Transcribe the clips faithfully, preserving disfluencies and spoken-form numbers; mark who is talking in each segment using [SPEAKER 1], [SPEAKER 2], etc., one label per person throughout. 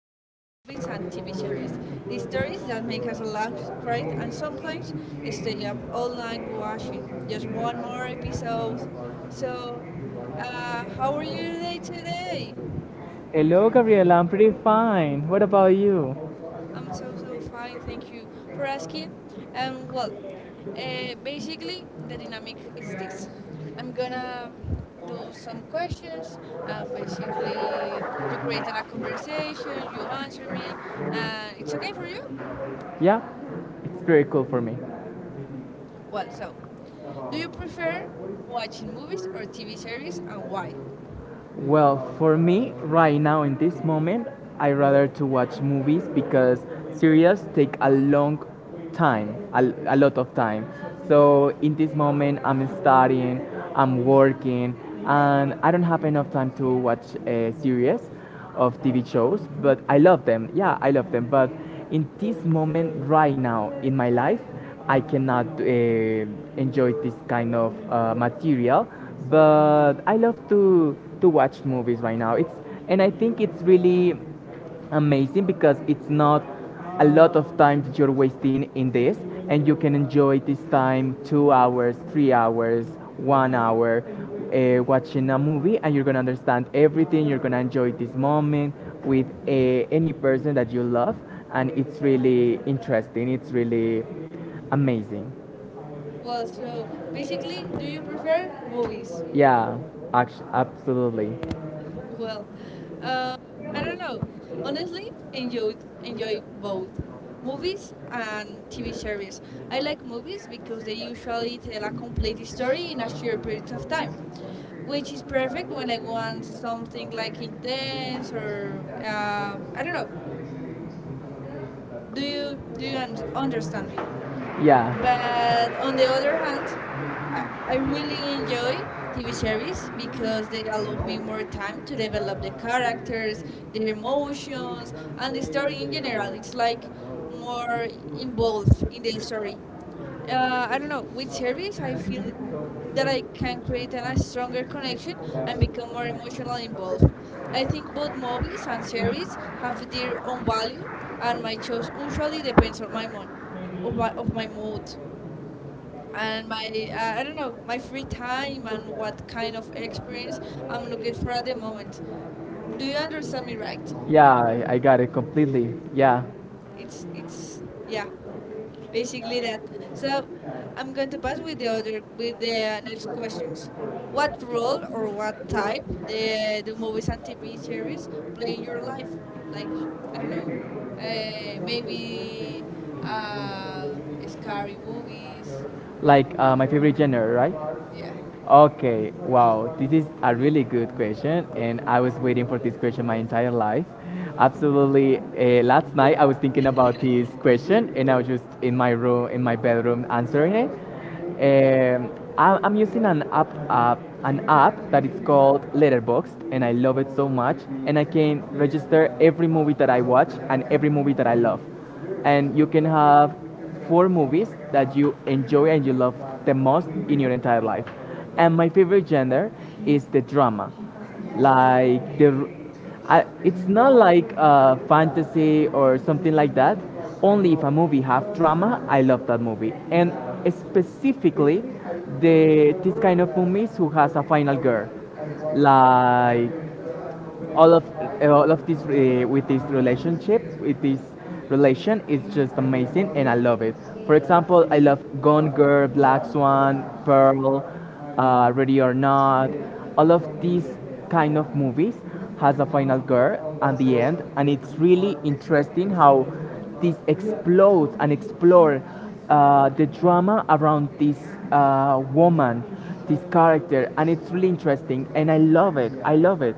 [SPEAKER 1] world of movies and T V series. The stories that make us laugh, cry, and sometimes stay up all night watching just one more episode. So, uh, how are you today today?
[SPEAKER 2] Hello, Gabriela. I'm pretty fine. What about you?
[SPEAKER 1] I'm so so fine, thank you for asking. Um, well, uh, Basically the dynamic is this: I'm gonna do some questions, and basically to create a conversation, you answer me, and it's okay for you.
[SPEAKER 2] Yeah, it's very cool for me.
[SPEAKER 1] Well, so do you prefer watching movies or T V series, and why?
[SPEAKER 2] Well, for me, right now in this moment, I rather to watch movies because series take a long time, a, a lot of time. So in this moment, I'm studying, I'm working, and I don't have enough time to watch a series. Of T V shows, but I love them. Yeah, I love them. But in this moment, right now in my life, I cannot uh, enjoy this kind of uh, material. But I love to to watch movies right now. It's and I think it's really amazing because it's not a lot of time that you're wasting in this, and you can enjoy this time two hours, three hours, one hour, uh, watching a movie, and you're gonna understand everything, you're gonna enjoy this moment with uh, any person that you love, and it's really interesting, it's really amazing.
[SPEAKER 1] Well, so basically, do you prefer movies?
[SPEAKER 2] Yeah. Act- absolutely.
[SPEAKER 1] Well, uh, I don't know. Honestly, enjoyed enjoy both movies and T V series. I like movies because they usually tell a complete story in a short period of time, which is perfect when I want something like intense or uh, I don't know. Do you do you un- understand me?
[SPEAKER 2] Yeah.
[SPEAKER 1] But on the other hand, I, I really enjoy T V series because they allow me more time to develop the characters, their emotions, and the story in general. It's like more involved in the story. Uh, I don't know, with series, I feel that I can create an, a stronger connection and become more emotionally involved. I think both movies and series have their own value, and my choice usually depends on my mood, of my, of my mood and my uh, I don't know, my free time and what kind of experience I'm looking for at the moment. Do you understand me right?
[SPEAKER 2] Yeah, I, I got it completely. Yeah,
[SPEAKER 1] It's it's yeah, basically that. So I'm going to pass with the other with the uh, next questions. What role or what type the the movies and T V series play in your life? Like I don't know, uh, maybe uh, scary movies.
[SPEAKER 2] like uh, my favorite genre, right?
[SPEAKER 1] Yeah.
[SPEAKER 2] Okay, wow, this is a really good question, and I was waiting for this question my entire life. Absolutely, uh, last night I was thinking about this question, and I was just in my room, in my bedroom, answering it. Um, I- I'm using an app, app, an app that is called Letterboxd, and I love it so much. And I can register every movie that I watch and every movie that I love, and you can have four movies that you enjoy and you love the most in your entire life. And my favorite genre is the drama, like the. I, it's not like uh, fantasy or something like that. Only if a movie have drama, I love that movie. And specifically, the this kind of movies who has a final girl, like all of uh, all of this uh, with this relationship with this relation is just amazing, and I love it. For example, I love Gone Girl, Black Swan, Pearl, uh, Ready or Not. All of these kind of movies has a final girl at the end, and it's really interesting how this explodes and explore uh, the drama around this uh, woman, this character, and it's really interesting, and I love it, I love it.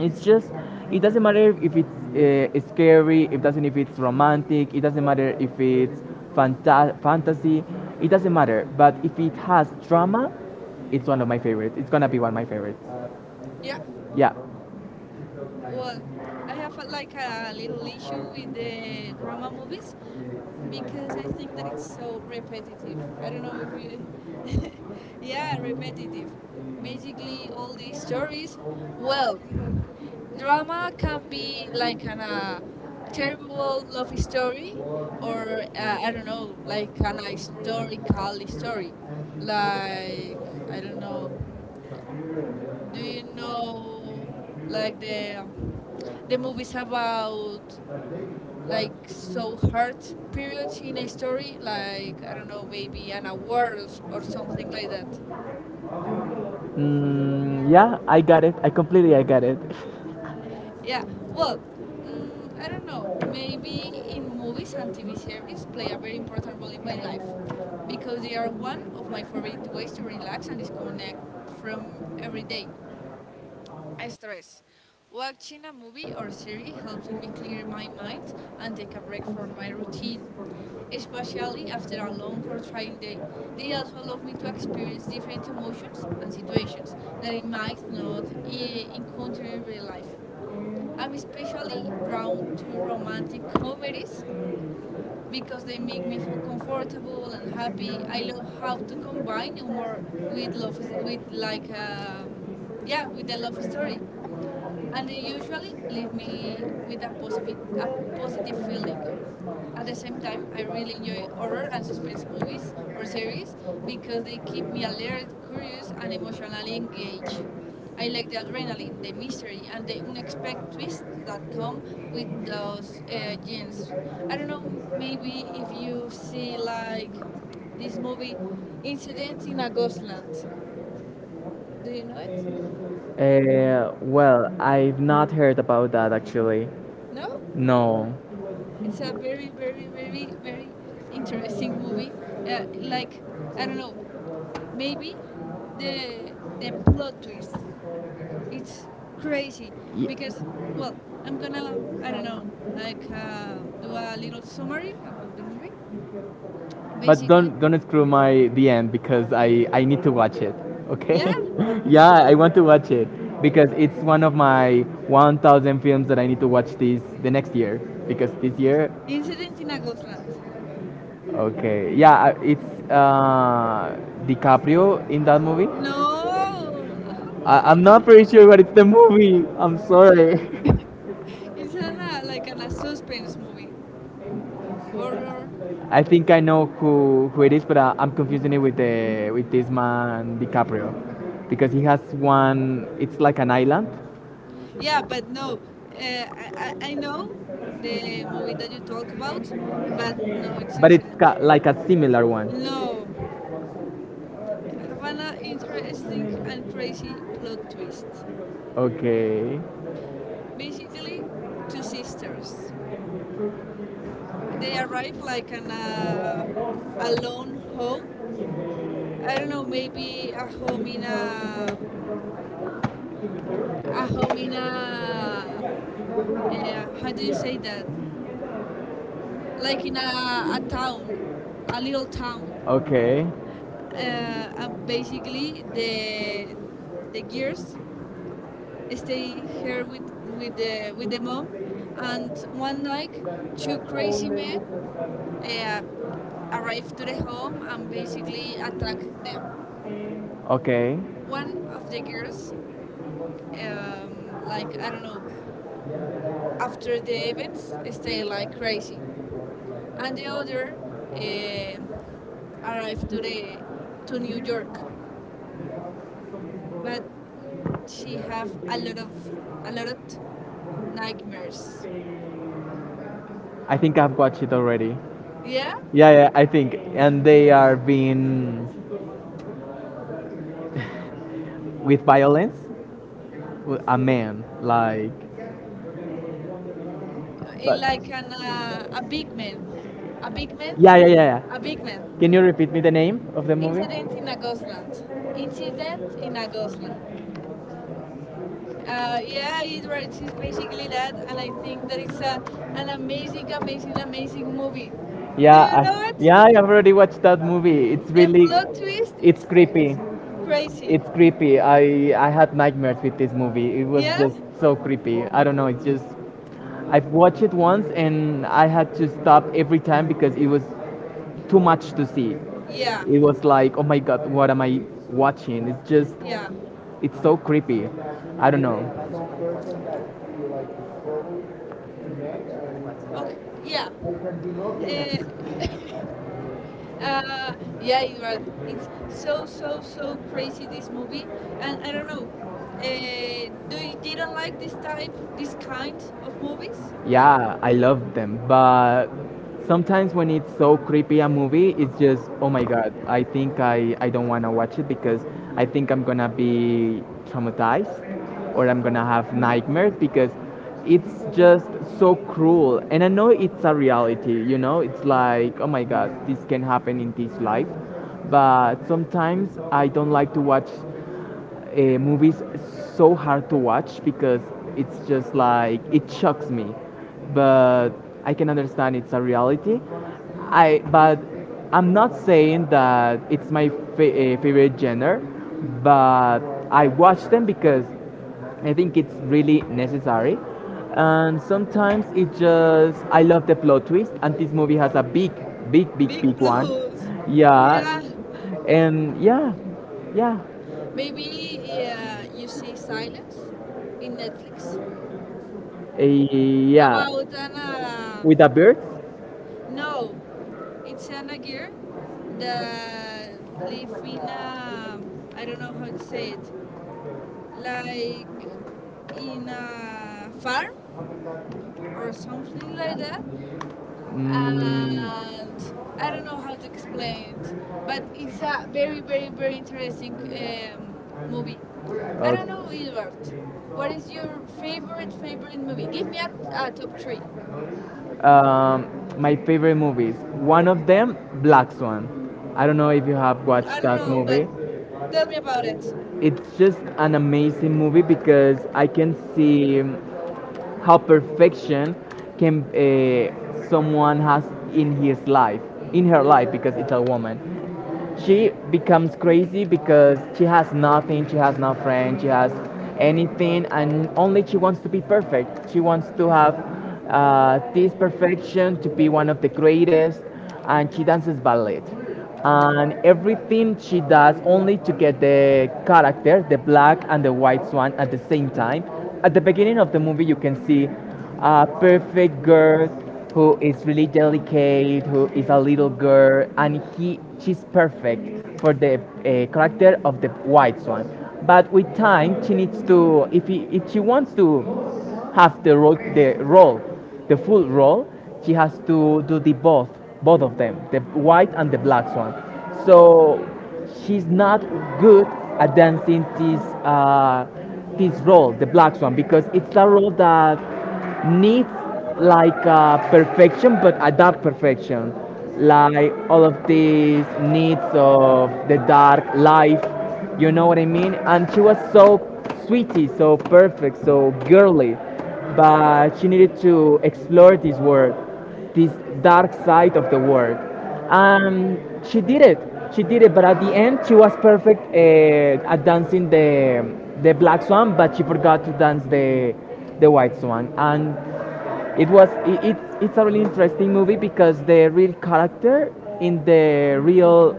[SPEAKER 2] It's just, it doesn't matter if it's uh, scary, it doesn't if it's romantic, it doesn't matter if it's fanta- fantasy, it doesn't matter, but if it has drama, it's one of my favorites, it's gonna be one of my favorites.
[SPEAKER 1] Yeah.
[SPEAKER 2] Yeah.
[SPEAKER 1] Well, I have a, like a little issue with the drama movies because I think that it's so repetitive. I don't know if you. Yeah, repetitive. Basically, all these stories. Well, drama can be like an uh, terrible love story or uh, I don't know, like an historical story. Like, I don't know. Do you know like the um, the movies about like so hard periods in a story, like I don't know, maybe an award or, s- or something like that.
[SPEAKER 2] Mm, yeah, I got it, I completely, I got it.
[SPEAKER 1] Yeah. Well, mm, I don't know. Maybe in movies and T V series play a very important role in my life because they are one of my favorite ways to relax and disconnect from every day. I stress. Watching a movie or series helps me clear my mind and take a break from my routine, especially after a long or trying day. They also allow me to experience different emotions and situations that I might not eh, encounter in real life. I'm especially drawn to romantic comedies because they make me feel comfortable and happy. I love how to combine humor with love, is- with like, um, yeah, with the love story, and they usually leave me with a positive a positive feeling. At the same time, I really enjoy horror and suspense movies or series because they keep me alert, curious, and emotionally engaged. I like the adrenaline, the mystery, and the unexpected twists that come with those uh, genes. I don't know, maybe if you see like this movie, Incident in a Ghostland. Do you know it?
[SPEAKER 2] Uh, well, I've not heard about that, actually.
[SPEAKER 1] No?
[SPEAKER 2] No.
[SPEAKER 1] It's a very, very, very, very interesting movie. Uh, like, I don't know, maybe the the plot twist. It's crazy
[SPEAKER 2] Ye-
[SPEAKER 1] because, well, I'm gonna, I don't know, like uh, do a little summary about the movie.
[SPEAKER 2] But
[SPEAKER 1] Basically,
[SPEAKER 2] don't don't screw my D M because I I need to watch it. Okay?
[SPEAKER 1] yeah,
[SPEAKER 2] Yeah, I want to watch it because it's one of my one thousand films that I need to watch this the next year because this year.
[SPEAKER 1] Incident in a Ghostland.
[SPEAKER 2] Okay, yeah, I- it's uh, DiCaprio in that movie.
[SPEAKER 1] No,
[SPEAKER 2] I, I'm not pretty sure what it's the movie. I'm sorry.
[SPEAKER 1] it's an, uh, like an, a suspense movie, horror.
[SPEAKER 2] I think I know who, who it is, but I, I'm confusing it with the with this man DiCaprio because he has one. It's like an island.
[SPEAKER 1] Yeah, but no, uh, I, I I know the movie that you talk about, but no, it's
[SPEAKER 2] But
[SPEAKER 1] insane.
[SPEAKER 2] it's ca- like a similar one.
[SPEAKER 1] No, have an interesting and crazy plot twist.
[SPEAKER 2] Okay,
[SPEAKER 1] Basically, two sisters. They arrive like an uh, alone home. I don't know, maybe a home in a a home in a uh, how do you say that? Like in a, a town, a little town.
[SPEAKER 2] okay,
[SPEAKER 1] Uh, uh, basically, the the girls stay here with with the with the mom, and one night, two crazy men uh, arrive to the home and basically attack them.
[SPEAKER 2] okay.
[SPEAKER 1] One of the girls, um, like I don't know, after the events, stay like crazy, and the other uh, arrived to the to New York, but she have a lot of a lot of nightmares.
[SPEAKER 2] I think I've watched it already.
[SPEAKER 1] Yeah,
[SPEAKER 2] Yeah, yeah, I think. And they are being with violence, w- a man, like.
[SPEAKER 1] it
[SPEAKER 2] But
[SPEAKER 1] like an uh, a big man, a big man,
[SPEAKER 2] yeah, yeah, yeah,
[SPEAKER 1] a big man.
[SPEAKER 2] yeah. Can you repeat me the name of the movie?
[SPEAKER 1] Incident in a Ghostland. Incident in a Ghostland. Uh, yeah, it writes. It's basically that, and I think that it's a, an amazing, amazing, amazing movie. Do
[SPEAKER 2] Yeah,
[SPEAKER 1] you know
[SPEAKER 2] I,
[SPEAKER 1] it?
[SPEAKER 2] yeah, I already watched that movie. It's
[SPEAKER 1] The
[SPEAKER 2] really,
[SPEAKER 1] plot twist,
[SPEAKER 2] it's
[SPEAKER 1] it's
[SPEAKER 2] creepy.
[SPEAKER 1] crazy.
[SPEAKER 2] It's creepy. I I had nightmares with this movie. It was
[SPEAKER 1] Yeah,
[SPEAKER 2] just so creepy. I don't know. It's just, I've watched it once and I had to stop every time because it was too much to see.
[SPEAKER 1] yeah,
[SPEAKER 2] It was like, oh my god, what am I watching? It's just,
[SPEAKER 1] yeah.
[SPEAKER 2] it's so creepy. I don't know.
[SPEAKER 1] Okay, yeah. Uh, Uh, yeah, you. It's so so so crazy this movie, and I don't know. Uh, do you didn't like this type, this kind of movies?
[SPEAKER 2] Yeah, I love them, but sometimes when it's so creepy a movie, it's just oh my god. I think I I don't want to watch it because I think I'm gonna be traumatized or I'm gonna have nightmares because it's just so cruel. And I know it's a reality, you know it's like oh my god, this can happen in this life, but sometimes I don't like to watch uh, movies so hard to watch because it's just like it shocks me, but I can understand it's a reality. I, but I'm not saying that it's my fa- uh, favorite genre, but I watch them because I think it's really necessary, and sometimes it just I love the plot twist, and this movie has a big, big, big,
[SPEAKER 1] Big
[SPEAKER 2] big one.
[SPEAKER 1] blows.
[SPEAKER 2] Yeah.
[SPEAKER 1] Yeah.
[SPEAKER 2] Yeah. And yeah. Yeah.
[SPEAKER 1] Maybe yeah, you see Silence in Netflix
[SPEAKER 2] Eh, yeah,
[SPEAKER 1] about an. Uh,
[SPEAKER 2] with the birds.
[SPEAKER 1] no, it's an a girl that live in a. I don't know how to say it. Like in a farm or something like that.
[SPEAKER 2] Mm,
[SPEAKER 1] And I don't know how to explain it, but it's a very, very, very
[SPEAKER 2] okay.
[SPEAKER 1] interesting um, movie. I don't know, Edward. What is your favorite, favorite movie? Give me a, a top three.
[SPEAKER 2] Um, my favorite movies. One of them, Black Swan. I don't know if you have
[SPEAKER 1] I
[SPEAKER 2] watched
[SPEAKER 1] don't
[SPEAKER 2] that
[SPEAKER 1] know, but
[SPEAKER 2] movie.
[SPEAKER 1] tell me about it.
[SPEAKER 2] It's just an amazing movie because I can see how perfection can uh, someone has in his life, in her life, because it's a woman. She becomes crazy because she has nothing, she has no friend, she has anything, and only she wants to be perfect. She wants to have uh, this perfection to be one of the greatest, and she dances ballet. And everything she does only to get the character, the black and the white swan, at the same time. At the beginning of the movie, you can see a perfect girl who is really delicate, who is a little girl, and he she's perfect for the uh, character of the white swan. But with time, she needs to if he, if she wants to have the role, the role, the full role, she has to do the both, both of them, the white and the black swan. So she's not good at dancing this uh, this role, the black swan, because it's a role that needs like uh, perfection, but a dark perfection. Like all of these needs of the dark life, you know what I mean? And she was so sweetie, so perfect, so girly, but she needed to explore this world, this dark side of the world. And she did it. She did it. But at the end, she was perfect uh, at dancing the the black swan, but she forgot to dance the the white swan. And it was it, it's it's a really interesting movie because the real character in the real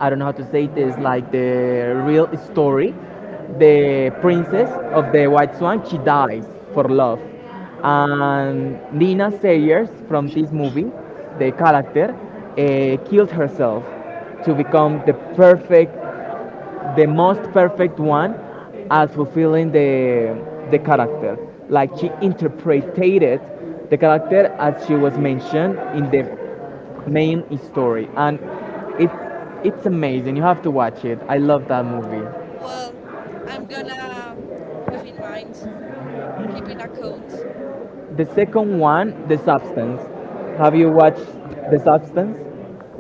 [SPEAKER 2] I don't know how to say this, like the real story, the princess of the White Swan, she dies for love. And Nina Sayers from this movie, the character, uh, killed herself to become the perfect the most perfect one at fulfilling the, the character. Like she interpreted the character as she was mentioned in the main story, and it's it's amazing. You have to watch it. I love that movie.
[SPEAKER 1] Well, I'm gonna have in mind, keep in account.
[SPEAKER 2] The second one, The Substance. Have you watched The Substance?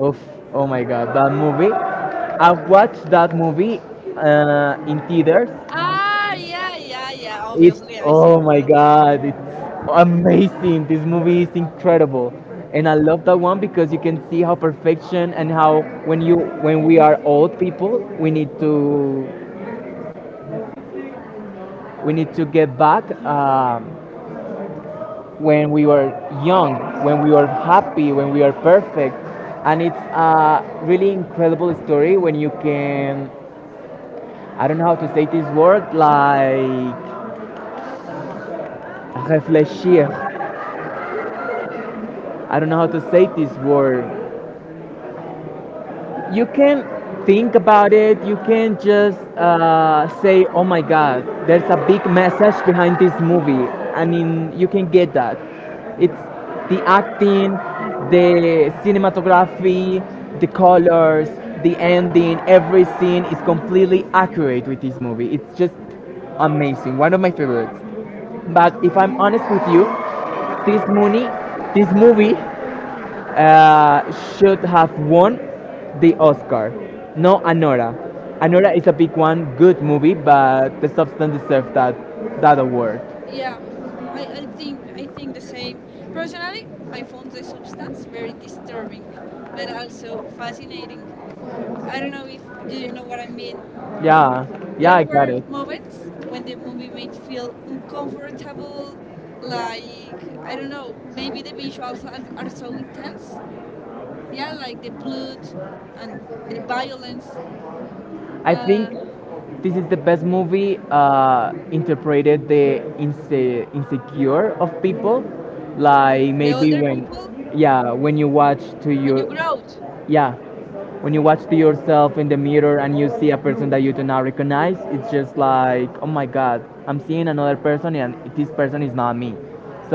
[SPEAKER 2] Oof, oh my God, that movie. I've watched that movie uh, in theaters.
[SPEAKER 1] Ah, yeah, yeah, yeah.
[SPEAKER 2] It's
[SPEAKER 1] Obviously, I see
[SPEAKER 2] oh
[SPEAKER 1] the
[SPEAKER 2] my
[SPEAKER 1] salsa.
[SPEAKER 2] god, it's amazing. This movie is incredible. And I love that one because you can see how perfection and how when you when we are old people, we need to, we need to get back um, when we were young, when we were happy, when we are perfect. And it's a really incredible story when you can I don't know how to say this word like reflexir. I don't know how to say this word. You can think about it, you can just uh, say oh my god there's a big message behind this movie. I mean, you can get that. It's the acting, the cinematography, the colors, the ending, every scene is completely accurate with this movie. It's just amazing, one of my favorites. But if I'm honest with you, this movie this movie uh, should have won the Oscar. No, Anora. Anora is a big one, good movie, but The Substance deserved that that award.
[SPEAKER 1] Yeah, I, I think I think the same. Personally, I found the substance very disturbing, but also fascinating. I don't know if you know what I mean.
[SPEAKER 2] Yeah, yeah,
[SPEAKER 1] There
[SPEAKER 2] I got
[SPEAKER 1] were
[SPEAKER 2] it.
[SPEAKER 1] moments when the movie made feel uncomfortable, like I don't know, maybe the visuals are, are so intense. Yeah, like the blood and the violence,
[SPEAKER 2] I think
[SPEAKER 1] uh,
[SPEAKER 2] this is the best movie uh, interpreted the inse- insecure of people. Like
[SPEAKER 1] the
[SPEAKER 2] maybe
[SPEAKER 1] older
[SPEAKER 2] when,
[SPEAKER 1] people.
[SPEAKER 2] yeah, when you watch to
[SPEAKER 1] When you
[SPEAKER 2] your,
[SPEAKER 1] grow,
[SPEAKER 2] yeah, when you watch to yourself in the mirror and you see a person that you do not recognize, it's just like, oh my god, I'm seeing another person, and this person is not me.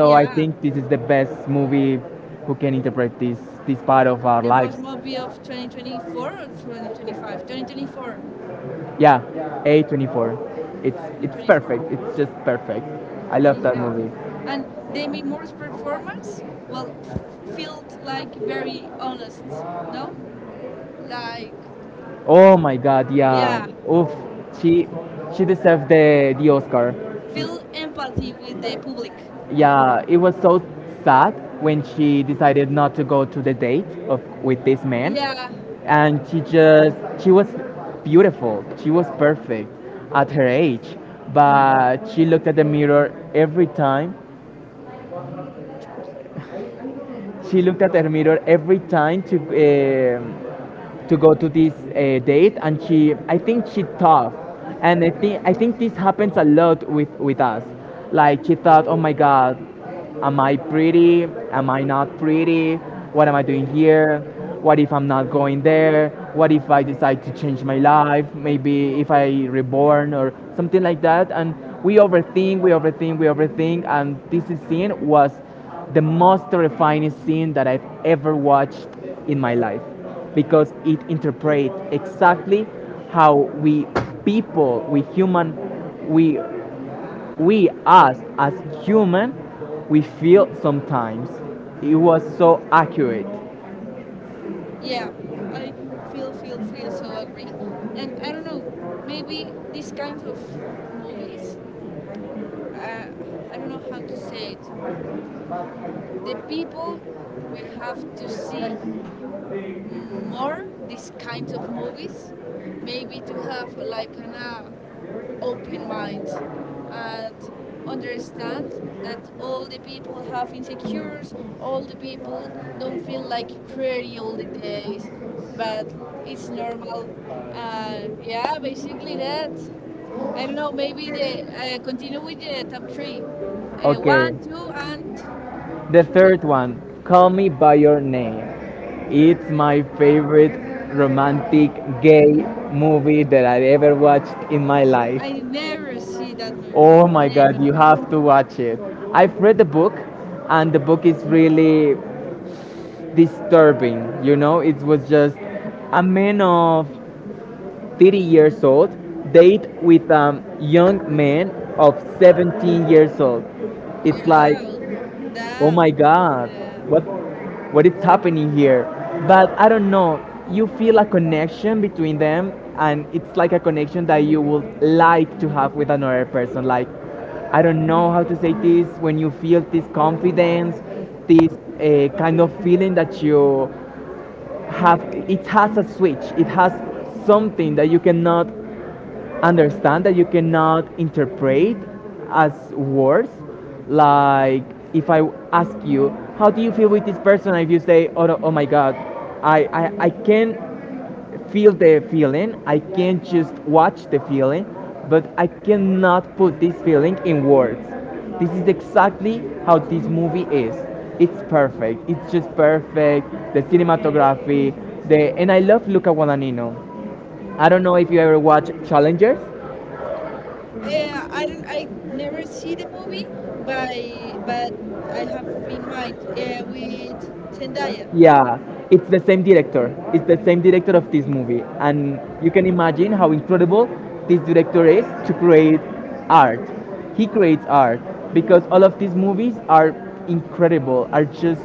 [SPEAKER 1] so
[SPEAKER 2] I
[SPEAKER 1] yeah,
[SPEAKER 2] think this is the best movie who can interpret this, this part of our
[SPEAKER 1] the life.
[SPEAKER 2] lives.
[SPEAKER 1] Boss movie of twenty twenty-four or twenty twenty-five? twenty twenty-four.
[SPEAKER 2] Yeah, A twenty-four. It's it's
[SPEAKER 1] twenty twenty-four.
[SPEAKER 2] perfect. It's just perfect. I love that
[SPEAKER 1] Yeah.
[SPEAKER 2] movie.
[SPEAKER 1] And Demi Moore's performance, well, f- felt like very honest, no? Like,
[SPEAKER 2] Oh my god, yeah.
[SPEAKER 1] yeah.
[SPEAKER 2] Oof. She she deserved the the Oscar.
[SPEAKER 1] Feel empathy with the public.
[SPEAKER 2] Yeah, it was so sad when she decided not to go to the date of with this man,
[SPEAKER 1] Yeah,
[SPEAKER 2] and she just she was beautiful. She was perfect at her age, but she looked at the mirror every time. She looked at her mirror every time to um to go to this uh, date, and she, I think she thought, and I think I think this happens a lot with with us. Like she thought, oh my god, am I pretty? Am I not pretty? What am I doing here? What if I'm not going there? What if I decide to change my life? Maybe if I reborn or something like that. And we overthink, we overthink, we overthink. And this scene was the most terrifying scene that I've ever watched in my life because it interprets exactly how we people, we human, we we us as human, we feel sometimes. It was so accurate. I
[SPEAKER 1] yeah. I feel, feel, feel so agree. And I don't know, maybe these kinds of movies, uh, I don't know how to say it. The people, we have to see more these kinds of movies, maybe to have like an uh, open mind and understand that all the people have insecures, all the people don't feel like pretty all the days, but it's normal. And yeah, basically that. I don't know, maybe they uh, continue with the top three. Uh, one,
[SPEAKER 2] Okay.
[SPEAKER 1] two, and
[SPEAKER 2] The
[SPEAKER 1] three.
[SPEAKER 2] third one, Call Me By Your Name. It's my favorite romantic gay movie that I ever watched in my life.
[SPEAKER 1] I never see that movie.
[SPEAKER 2] Oh my
[SPEAKER 1] Never.
[SPEAKER 2] god, you have to watch it. I've read the book, and the book is really disturbing. You know, it was just a man of thirty years old date with a young man of seventeen years old. It's like,
[SPEAKER 1] Yeah, well,
[SPEAKER 2] oh
[SPEAKER 1] damn.
[SPEAKER 2] my god,
[SPEAKER 1] Damn.
[SPEAKER 2] what what is happening here? But I don't know, you feel a connection between them, and it's like a connection that you would like to have with another person. Like, I don't know how to say this. When you feel this confidence, this uh, kind of feeling that you have, it has a switch, it has something that you cannot understand, that you cannot interpret as words. Like, if I ask you, how do you feel with this person? If you say, oh, no- oh my God, I, I, I can feel the feeling, I can just watch the feeling, but I cannot put this feeling in words. This is exactly how this movie is. It's perfect. It's just perfect. The cinematography, the and I love Luca Guadagnino. I don't know if you ever watch Challengers.
[SPEAKER 1] Uh, I don't. I never see the movie, but but I have in mind uh, with Zendaya.
[SPEAKER 2] Yeah, it's the same director. It's the same director of this movie, and you can imagine how incredible this director is to create art. He creates art because all of these movies are incredible. Are just,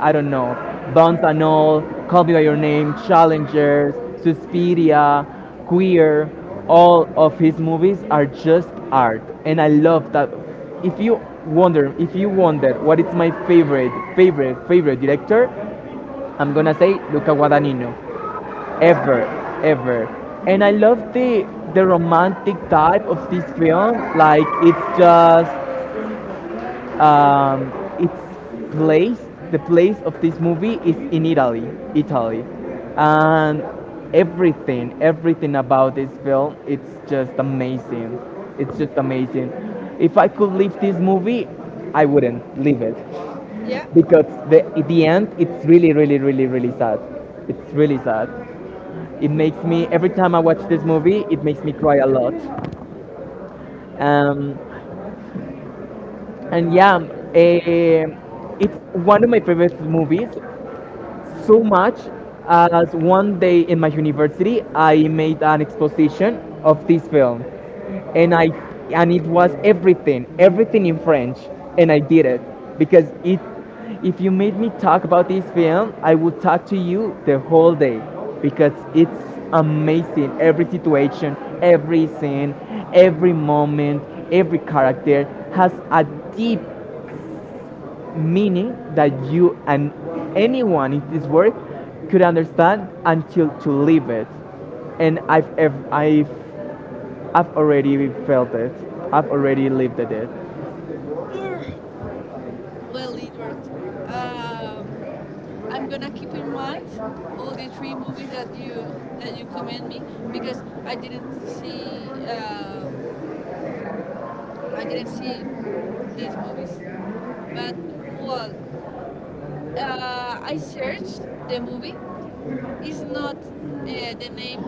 [SPEAKER 2] I don't know, Bones and All, Call Me by Your Name, Challengers, Suspiria, Queer. All of his movies are just art, and I love that. If you wonder, if you wonder what is my favorite, favorite, favorite director, I'm gonna say Luca Guadagnino. Ever, ever. And I love the the romantic type of this film. Like, it's just um, its place. The place of this movie is in Italy, Italy, and everything, everything about this film, it's just amazing. It's just amazing. If I could leave this movie, I wouldn't leave it,
[SPEAKER 1] Yeah.
[SPEAKER 2] because the at the end it's really really really really sad. It's really sad. It makes me, every time I watch this movie, it makes me cry a lot. Um, and yeah, eh, it's one of my favorite movies, so much as one day in my university I made an exposition of this film, and I and it was everything, everything in French, and I did it, because, it if you made me talk about this film, I would talk to you the whole day, because it's amazing. Every situation, every scene, every moment, every character has a deep meaning that you, and anyone in this world, could understand until to live it. And I've, ev- I've, I've already felt it. I've already lived it.
[SPEAKER 1] Ugh. Well, Edward, um, I'm gonna keep in mind all the three movies that you that you commend me because I didn't see um, I didn't see these movies. But well, uh, I searched the movie. It's not uh, the name.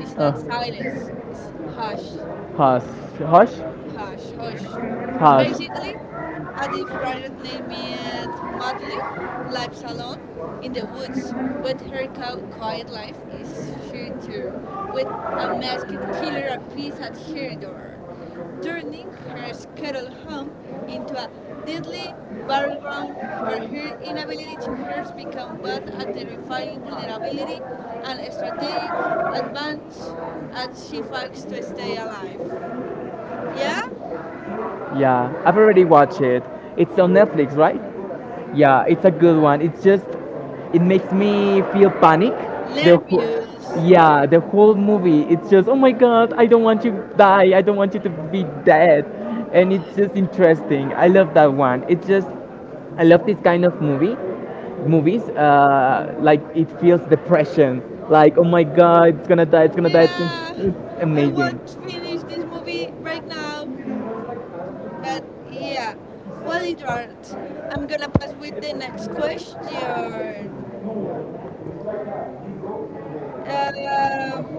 [SPEAKER 1] It's
[SPEAKER 2] Uh,
[SPEAKER 1] not Silence. It's Hush.
[SPEAKER 2] hush, hush,
[SPEAKER 1] Hush, hush.
[SPEAKER 2] hush.
[SPEAKER 1] Basically, a deep writer named it Madly Life Salon in the woods, but her co- quiet life is sheltered with a masked killer appears at her door, turning her skittle home into a deadly battleground where her inability to hurt becomes both a terrifying vulnerability and a strategic advantage as she fights to stay alive. Yeah?
[SPEAKER 2] Yeah, I've already watched it. It's on Netflix, right? Yeah, it's a good one. It's just, it makes me feel panic. The whole,
[SPEAKER 1] Nervous.
[SPEAKER 2] yeah, the whole movie. It's just, oh my god, I don't want you to die. I don't want you to be dead. And it's just interesting. I love that one. It's just, I love this kind of movie, movies. Uh, like it feels depression. Like, oh my god, it's gonna die. It's gonna die. It's, gonna,
[SPEAKER 1] Yeah,
[SPEAKER 2] it's
[SPEAKER 1] I
[SPEAKER 2] amazing.
[SPEAKER 1] want to finish this movie right now. But yeah, well, Edward, I'm gonna pass with the next question. Um,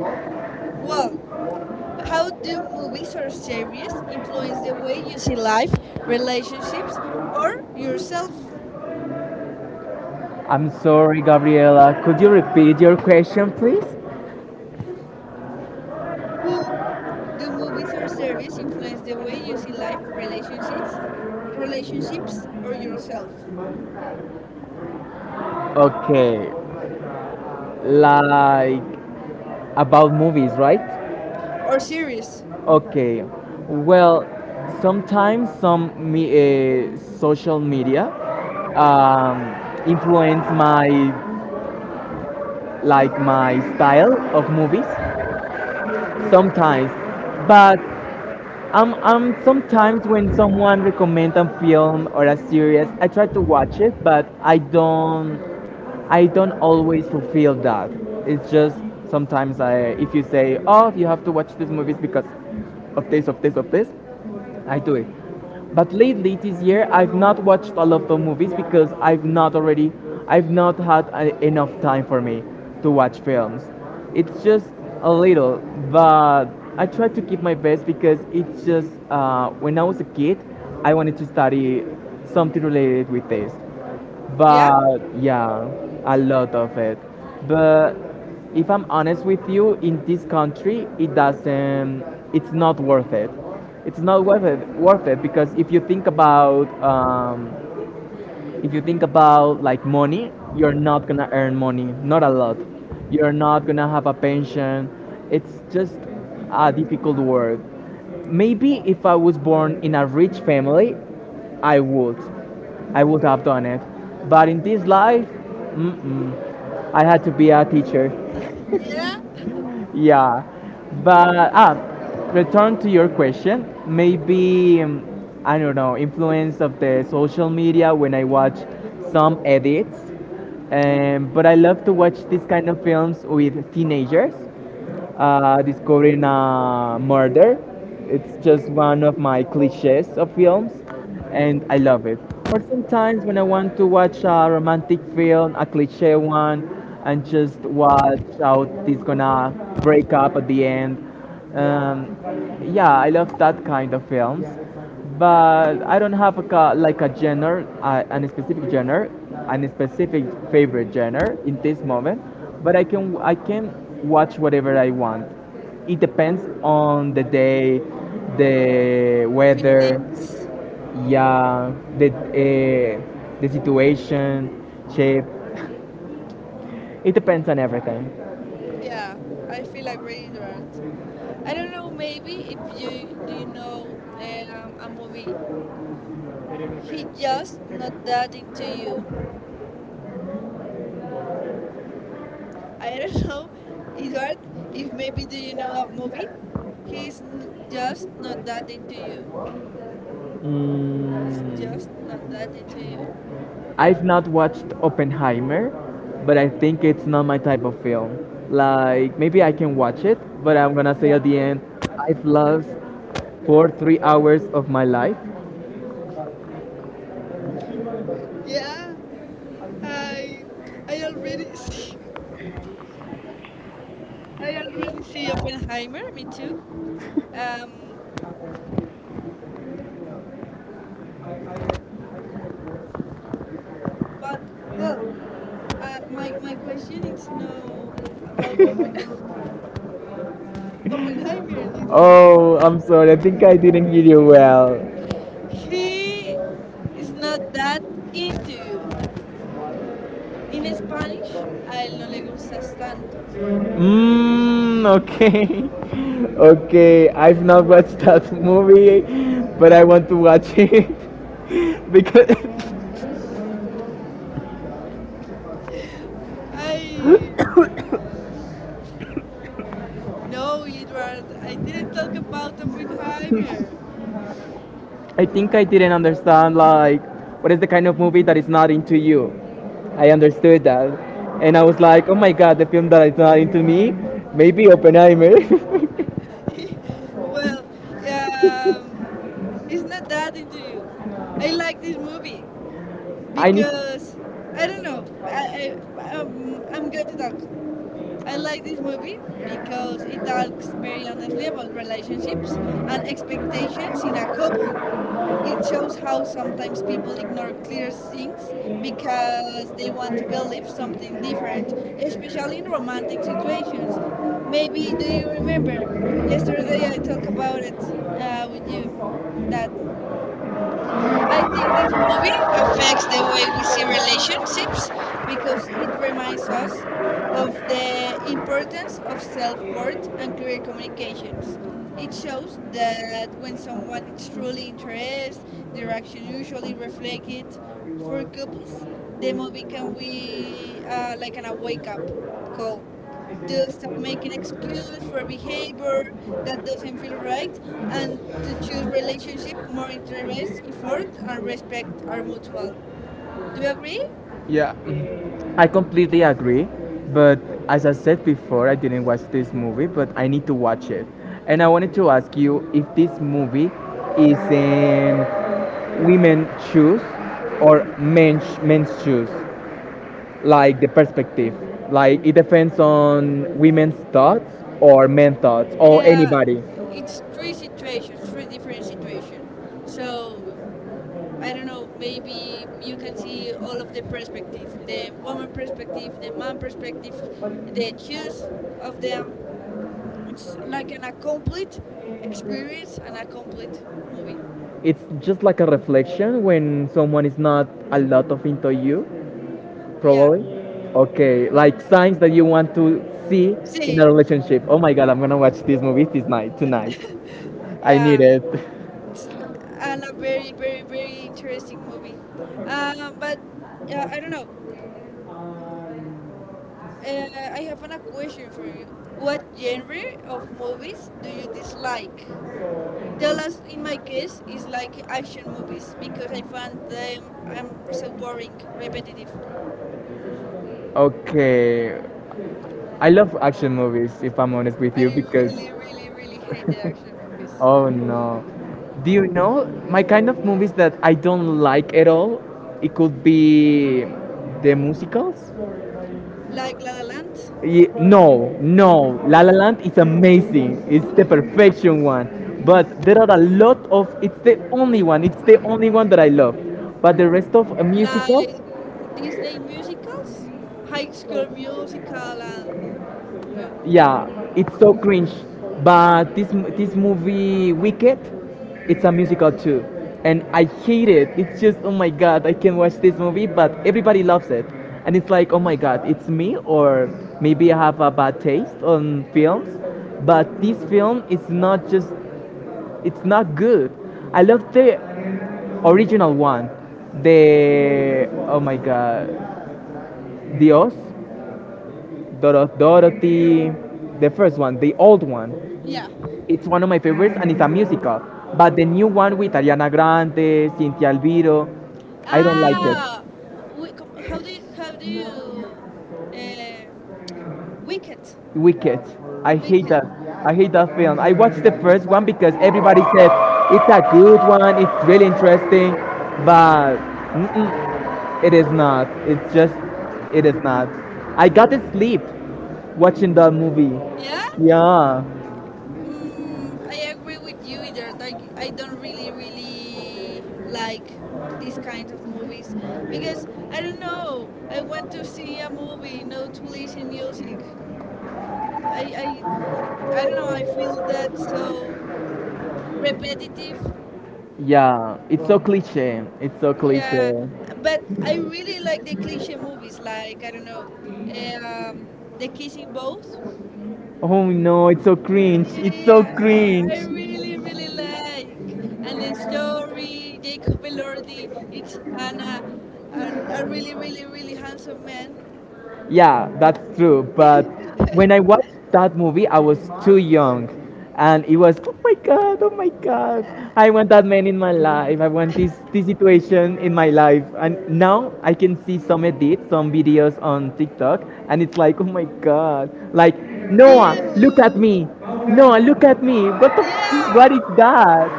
[SPEAKER 1] well, how do movies or series influence the way you see life, relationships, or yourself?
[SPEAKER 2] I'm sorry, Gabriela. Could you repeat your question, please?
[SPEAKER 1] Who do movies or series influence the way you see life, relationships, relationships, or yourself,
[SPEAKER 2] Okay, like, about movies, right?
[SPEAKER 1] or series?
[SPEAKER 2] Okay, well, sometimes some me, uh, social media um, influence my like my style of movies. Sometimes, but Um, um, sometimes when someone recommends a film or a series, I try to watch it, but I don't, I don't always fulfill that. It's just, sometimes I, if you say, oh, you have to watch this movies because of this, of this, of this, I do it. But lately, this year, I've not watched a lot of movies because I've not already, I've not had a, enough time for me to watch films. It's just a little, but I try to keep my best, because it's just uh, when I was a kid, I wanted to study something related with this,
[SPEAKER 1] Yeah.
[SPEAKER 2] but yeah, a lot of it. But if I'm honest with you, in this country, it doesn't. It's not worth it. It's not worth it. Worth it because if you think about um, if you think about like money, you're not gonna earn money, not a lot. You're not gonna have a pension. It's just a difficult work. Maybe if I was born in a rich family, I would, I would have done it. But in this life, mm-mm. I had to be a teacher,
[SPEAKER 1] Yeah,
[SPEAKER 2] yeah, but ah return to your question. Maybe um, I don't know, influence of the social media when I watch some edits, um, but I love to watch these kind of films with teenagers, uh, discovering a murder. It's just one of my cliches of films, and I love it. Or sometimes, when I want to watch a romantic film, a cliche one, and just watch how it's gonna break up at the end. Um, yeah, I love that kind of films, but I don't have a, ca- like a genre, uh, an specific genre, and a specific favorite genre in this moment. But I can I can watch whatever I want. It depends on the day, the weather,
[SPEAKER 1] feelings.
[SPEAKER 2] yeah, the uh, the situation, shape. It depends on everything.
[SPEAKER 1] Yeah, I feel agreed, right? I don't know, maybe if you. Do you know um, a movie, He Just Not That Into You? I don't know, Edward, if maybe do you know a movie, he's n- Just Not That Into You? It's
[SPEAKER 2] Mm.
[SPEAKER 1] Just Not That Into You.
[SPEAKER 2] I've not watched Oppenheimer, but I think it's not my type of film. Like, maybe I can watch it, but I'm gonna say at the end, I've lost four three hours of my life.
[SPEAKER 1] Yeah, i i already see, I already see Oppenheimer me too. um but well, Uh, my, my question is to know about Oppen Oppenheimer, Edward.
[SPEAKER 2] Oh, I'm sorry. I think I didn't hear you well.
[SPEAKER 1] He is not that into you. In Spanish, a él no le gustas tanto.
[SPEAKER 2] Mmm. Okay. Okay, I've not watched that movie, but I want to watch it because
[SPEAKER 1] I No, Edward. I didn't talk about Oppenheimer.
[SPEAKER 2] I think I didn't understand, like, what is the kind of movie that is not into you. I understood that, and I was like, oh my god, the film that is not into me, maybe Oppenheimer.
[SPEAKER 1] Well, um, it's Not That Into You. I like this movie
[SPEAKER 2] I need,
[SPEAKER 1] because I don't know. I, I um, I'm going to talk. I like this movie because it talks very honestly about relationships and expectations in a couple. It shows how sometimes people ignore clear things because they want to believe something different, especially in romantic situations. Maybe do you remember yesterday I talked about it uh, with you that I think this movie affects the way we see relationships because it reminds us of the importance of self worth and clear communications. It shows that when someone is truly interested, their action usually reflect it. For couples, the movie can be uh, like an a wake up go to stop making excuse for behavior that doesn't feel right and to choose relationship more interest effort and respect are mutual. Do you agree?
[SPEAKER 2] yeah, I completely agree. But as I said before, I didn't watch this movie, but I need to watch it. And I wanted to ask you if this movie is in women shoes or men's men's shoes, like the perspective. Like, it depends on women's thoughts or men thoughts or
[SPEAKER 1] Uh,
[SPEAKER 2] anybody.
[SPEAKER 1] it's three situations, three different situations. So I don't know. Maybe you can see all of the perspective: the woman perspective, the man perspective, the choice of them. It's like an a complete experience and a complete movie.
[SPEAKER 2] It's just like a reflection when someone is not a lot of into you,
[SPEAKER 1] Yeah.
[SPEAKER 2] probably. Okay, like signs that you want to see in a
[SPEAKER 1] See,
[SPEAKER 2] relationship. Oh my god, I'm gonna watch this movie this night tonight. I
[SPEAKER 1] yeah,
[SPEAKER 2] need it.
[SPEAKER 1] it's and a la- very, very, very interesting movie. Um, but uh, I don't know. Uh, I have an, a question for you. What genre of movies do you dislike? Tell us. In my case, is like action movies because I find them I'm so boring, repetitive.
[SPEAKER 2] Okay, I love action movies if I'm honest with you,
[SPEAKER 1] I
[SPEAKER 2] because.
[SPEAKER 1] really, really, really hate the action movies,
[SPEAKER 2] Oh no. Do you know my kind of movies that I don't like at all? It could be the musicals.
[SPEAKER 1] like La La Land.
[SPEAKER 2] Ye- no, no. La La Land is amazing. It's the perfection one. But there are a lot of. It's the only one. It's the only one that I love. But the rest of uh,
[SPEAKER 1] Like
[SPEAKER 2] musicals.
[SPEAKER 1] Disney musicals, High School Musical, and no,
[SPEAKER 2] Yeah, it's so cringe. But this m- this movie Wicked, it's a musical too, and I hate it. It's just, oh my god, I can't watch this movie. But everybody loves it, and it's like, oh my god, it's me, or maybe I have a bad taste on films. But this film is not just it's not good. I love the original one, the, oh my god, Dios, Doro- Dorothy, the first one, the old one.
[SPEAKER 1] yeah.
[SPEAKER 2] It's one of my favorites, and it's a musical. But the new one with Ariana Grande, Cynthia Alviro, I don't like it.
[SPEAKER 1] Ah, w- we, com- how do you, how do you, um Wicked,
[SPEAKER 2] Wicked. I hate
[SPEAKER 1] Wicked,
[SPEAKER 2] that. I hate that film. I watched the first one because everybody said it's a good one, it's really interesting, but mm-mm, it is not. It's just, it is not. I got to sleep watching that movie.
[SPEAKER 1] yeah.
[SPEAKER 2] Yeah.
[SPEAKER 1] Mm, I agree with you, either. I I don't really really like these kind of movies because I don't know. I want to see a movie, not to listen music. I I I don't know. I feel that so repetitive.
[SPEAKER 2] Yeah, it's so cliche. It's so
[SPEAKER 1] Yeah,
[SPEAKER 2] cliche.
[SPEAKER 1] but I really like the cliche movies, like I don't know, um, the kissing both.
[SPEAKER 2] Oh no, it's so cringe. It's so
[SPEAKER 1] Yeah,
[SPEAKER 2] cringe.
[SPEAKER 1] I really really like, and the story Jacob Elordi. It's an uh, a, a really really really handsome man.
[SPEAKER 2] Yeah, that's true. But when I watched that movie, I was too young. And it was, oh my god, oh my god. I want that man in my life. I want this, this situation in my life. And now I can see some edits, some videos on TikTok. And it's like, oh my god. Like, Noah, look at
[SPEAKER 1] You,
[SPEAKER 2] me. Noah, look at me. What the f-
[SPEAKER 1] yeah.
[SPEAKER 2] What is that?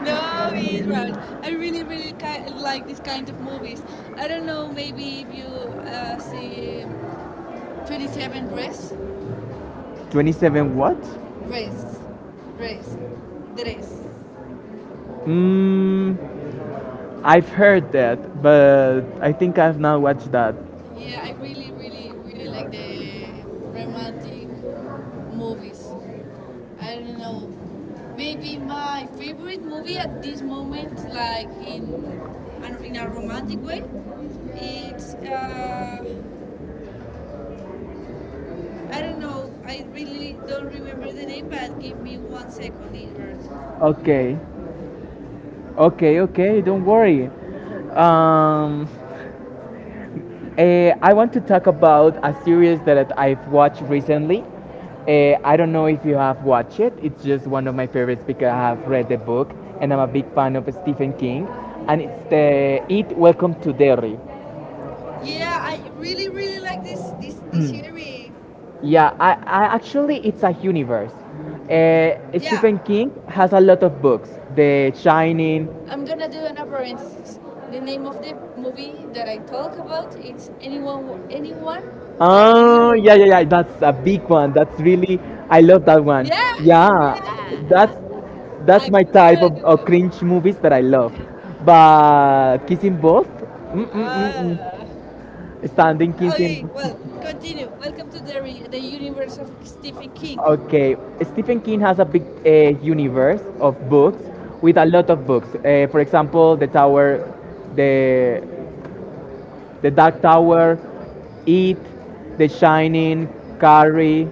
[SPEAKER 1] No, it was. I really, really ki- like this kind of movies. I don't know, maybe if you uh, see twenty-seven Dress.
[SPEAKER 2] twenty-seven what?
[SPEAKER 1] Grace, Grace, Grace.
[SPEAKER 2] Mmm. I've heard that, but I think I've not watched that.
[SPEAKER 1] Yeah, I really, really, really like the romantic movies. I don't know. Maybe my favorite movie at this moment, like in an- in a romantic way, it's uh, I don't know. I really don't remember the name, but give me one second, Edward.
[SPEAKER 2] Okay, okay, okay. Don't worry. Um, eh, I want to talk about a series that I've watched recently. Eh, I don't know if you have watched it. It's just one of my favorites because I have read the book, and I'm a big fan of Stephen King. And it's the It Welcome to Derry.
[SPEAKER 1] Yeah, I really, really like this this this series.
[SPEAKER 2] Yeah, I, I actually it's a universe. Uh,
[SPEAKER 1] Yeah,
[SPEAKER 2] Stephen King has a lot of books. The Shining.
[SPEAKER 1] I'm gonna do an parenthesis. The name of the movie that I talk about it's anyone, anyone, but
[SPEAKER 2] Oh, yeah,
[SPEAKER 1] you.
[SPEAKER 2] yeah, yeah. That's a big one. That's really I love that
[SPEAKER 1] Yeah,
[SPEAKER 2] one.
[SPEAKER 1] yeah.
[SPEAKER 2] Yeah, that's
[SPEAKER 1] I'm
[SPEAKER 2] that's my type of, of
[SPEAKER 1] good.
[SPEAKER 2] cringe movies that I love. But Kissing Both. Mm, mm, mm,
[SPEAKER 1] Ah.
[SPEAKER 2] mm. Standing
[SPEAKER 1] Okay,
[SPEAKER 2] fifteen.
[SPEAKER 1] well, continue. Welcome to the the universe of Stephen King.
[SPEAKER 2] Okay, Stephen King has a big uh, universe of books with a lot of books. Uh, for example, The Tower, the the Dark Tower, It, The Shining, Carrie,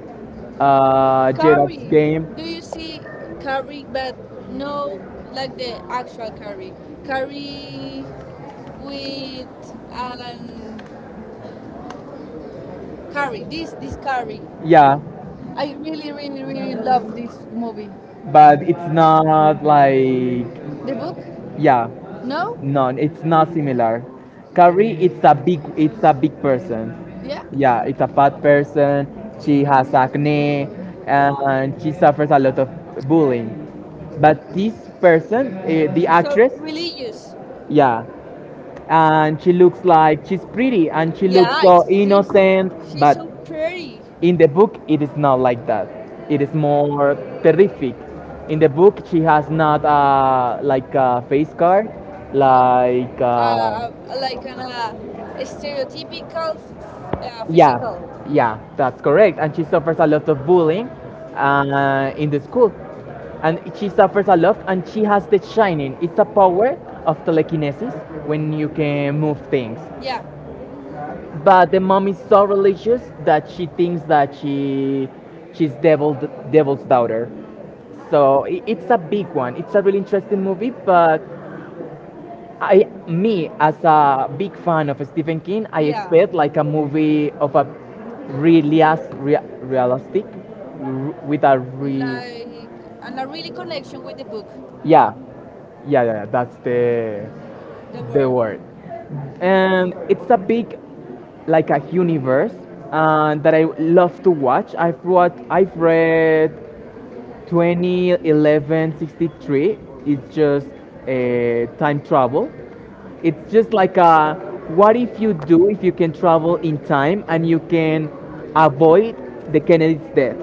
[SPEAKER 2] uh, Gerald's
[SPEAKER 1] Carrie. Do you
[SPEAKER 2] Game.
[SPEAKER 1] see Carrie? But no, like the actual Carrie. Carrie with um, Carrie. This this Carrie.
[SPEAKER 2] Yeah,
[SPEAKER 1] I really, really, really love this movie.
[SPEAKER 2] but it's not like
[SPEAKER 1] The book?
[SPEAKER 2] yeah,
[SPEAKER 1] No?
[SPEAKER 2] no, it's not similar. Carrie, it's a big it's a big person.
[SPEAKER 1] Yeah?
[SPEAKER 2] Yeah, it's a fat person. She has acne and she suffers a lot of bullying. But this person, uh, the So
[SPEAKER 1] So
[SPEAKER 2] actress,
[SPEAKER 1] religious.
[SPEAKER 2] yeah, and she looks like she's pretty and she
[SPEAKER 1] Yeah,
[SPEAKER 2] looks yeah,
[SPEAKER 1] it's,
[SPEAKER 2] so
[SPEAKER 1] she's
[SPEAKER 2] innocent.
[SPEAKER 1] she's
[SPEAKER 2] But
[SPEAKER 1] so pretty. Yeah.
[SPEAKER 2] in the book, it is not like that. It is more terrific. In the book, she has not uh, like a face card, like
[SPEAKER 1] Uh,
[SPEAKER 2] uh,
[SPEAKER 1] uh, like an uh, stereotypical f- uh, physical.
[SPEAKER 2] yeah, yeah, that's correct. And she suffers a lot of bullying uh, in the school, and she suffers a lot. And she has the shining. It's a power of telekinesis when you can move things.
[SPEAKER 1] Yeah,
[SPEAKER 2] But the mom is so religious that she thinks that she she's devil, devil's daughter. So I it's a big one. It's a really interesting movie. But I, me as a big fan of Stephen King, I
[SPEAKER 1] yeah.
[SPEAKER 2] expect like a movie of a really rea- realistic r- with a re
[SPEAKER 1] Like and a really connection with the book,
[SPEAKER 2] yeah, yeah, yeah, yeah, that's the
[SPEAKER 1] the
[SPEAKER 2] the
[SPEAKER 1] word.
[SPEAKER 2] word. And it's a big like a universe uh, that I love to watch. I've read, I've read twenty eleven sixty-three. It's just a time travel. It's just like a what if you do, if you can travel in time and you can avoid the Kennedy's death.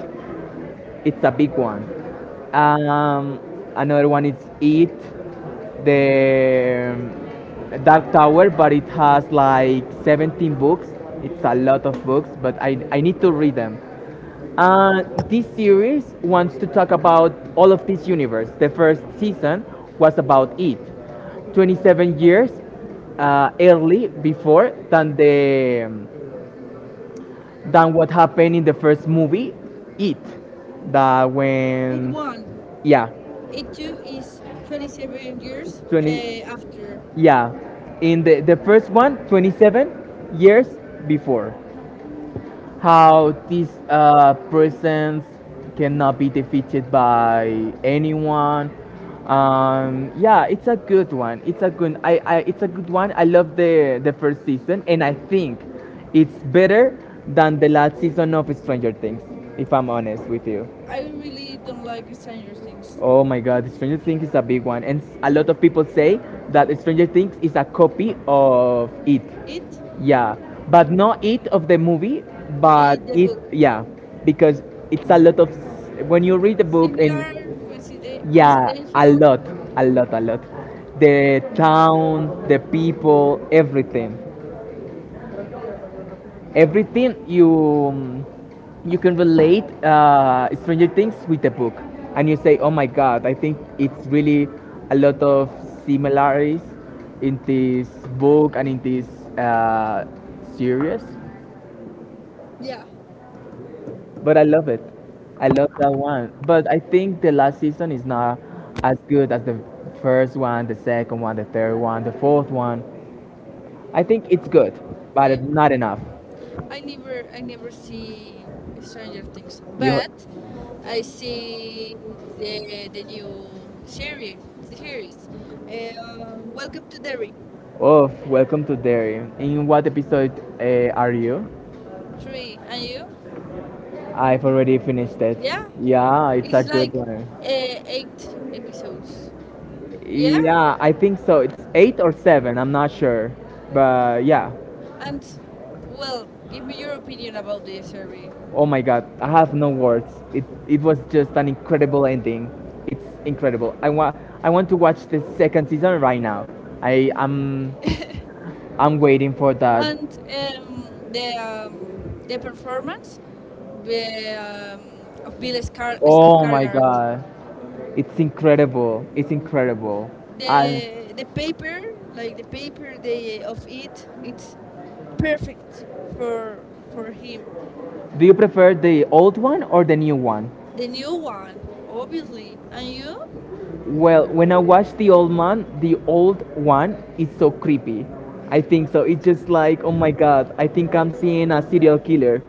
[SPEAKER 2] It's a big one. Um, another one is It, the um, Dark Tower, but it has like seventeen books. It's a lot of books, but I, I need to read them. Uh, this series wants to talk about all of this universe. The first season was about It, twenty-seven years uh, early before than the um, than what happened in the first movie, It. That It
[SPEAKER 1] It
[SPEAKER 2] when,
[SPEAKER 1] won.
[SPEAKER 2] yeah, It
[SPEAKER 1] It too is
[SPEAKER 2] took
[SPEAKER 1] twenty-seven years
[SPEAKER 2] twenty,
[SPEAKER 1] uh, after.
[SPEAKER 2] yeah, in the, the first twenty seven years before how these uh, presence cannot be defeated by anyone. Um, yeah, it's a good one. It's a good. I, I it's a good one. I love the the first season, and I think it's better than the last season of Stranger Things. If I'm honest with you.
[SPEAKER 1] I really don't like Stranger Things.
[SPEAKER 2] Oh my god, Stranger Things is a big one, and s- a lot of people say that Stranger Things is a copy of it.
[SPEAKER 1] It,
[SPEAKER 2] Yeah, but not it of the movie, but
[SPEAKER 1] it the
[SPEAKER 2] it
[SPEAKER 1] book.
[SPEAKER 2] yeah, because it's a lot of s- when you read the book and
[SPEAKER 1] Similar, coincide-
[SPEAKER 2] yeah, a
[SPEAKER 1] coincidental.
[SPEAKER 2] lot, a lot, a lot. The town, the people, everything, everything you um, you can relate uh, Stranger Things with the book, and you say, oh my God, I think it's really a lot of similarities in this book and in this uh, series.
[SPEAKER 1] Yeah.
[SPEAKER 2] But I love it. I love that one. But I think the last season is not as good as the first one, the second one, the third one, the fourth one. I think it's good, but
[SPEAKER 1] Yeah.
[SPEAKER 2] it's not enough.
[SPEAKER 1] I never I never see Stranger Things,
[SPEAKER 2] You,
[SPEAKER 1] but I see the the new series series. Uh, Welcome to Derry.
[SPEAKER 2] oh, welcome to Derry. In what episode uh, are you?
[SPEAKER 1] Three. And you?
[SPEAKER 2] I've already finished it.
[SPEAKER 1] Yeah,
[SPEAKER 2] Yeah, it's a
[SPEAKER 1] it's like
[SPEAKER 2] good one.
[SPEAKER 1] uh, eight episodes. Yeah,
[SPEAKER 2] Yeah, I think so. It's eight or seven. I'm not sure, but yeah.
[SPEAKER 1] and well, give me your opinion about the series.
[SPEAKER 2] Oh my god, I have no words. It it was just an incredible ending. It's incredible. I want I want to watch the second season right now. I am I'm I'm waiting for that.
[SPEAKER 1] And um, the um, the performance, the, um, of Bill Scar-
[SPEAKER 2] Oh my
[SPEAKER 1] Skarsgård.
[SPEAKER 2] god. It's incredible. It's incredible. And
[SPEAKER 1] the the paper, like the paper they of it, it's perfect for for him.
[SPEAKER 2] do you prefer the old one or the new one?
[SPEAKER 1] The new one, obviously. And you?
[SPEAKER 2] Well, when I watch the old man, the old one is so creepy. I think so. It's just like, oh my god, I think I'm seeing a serial killer.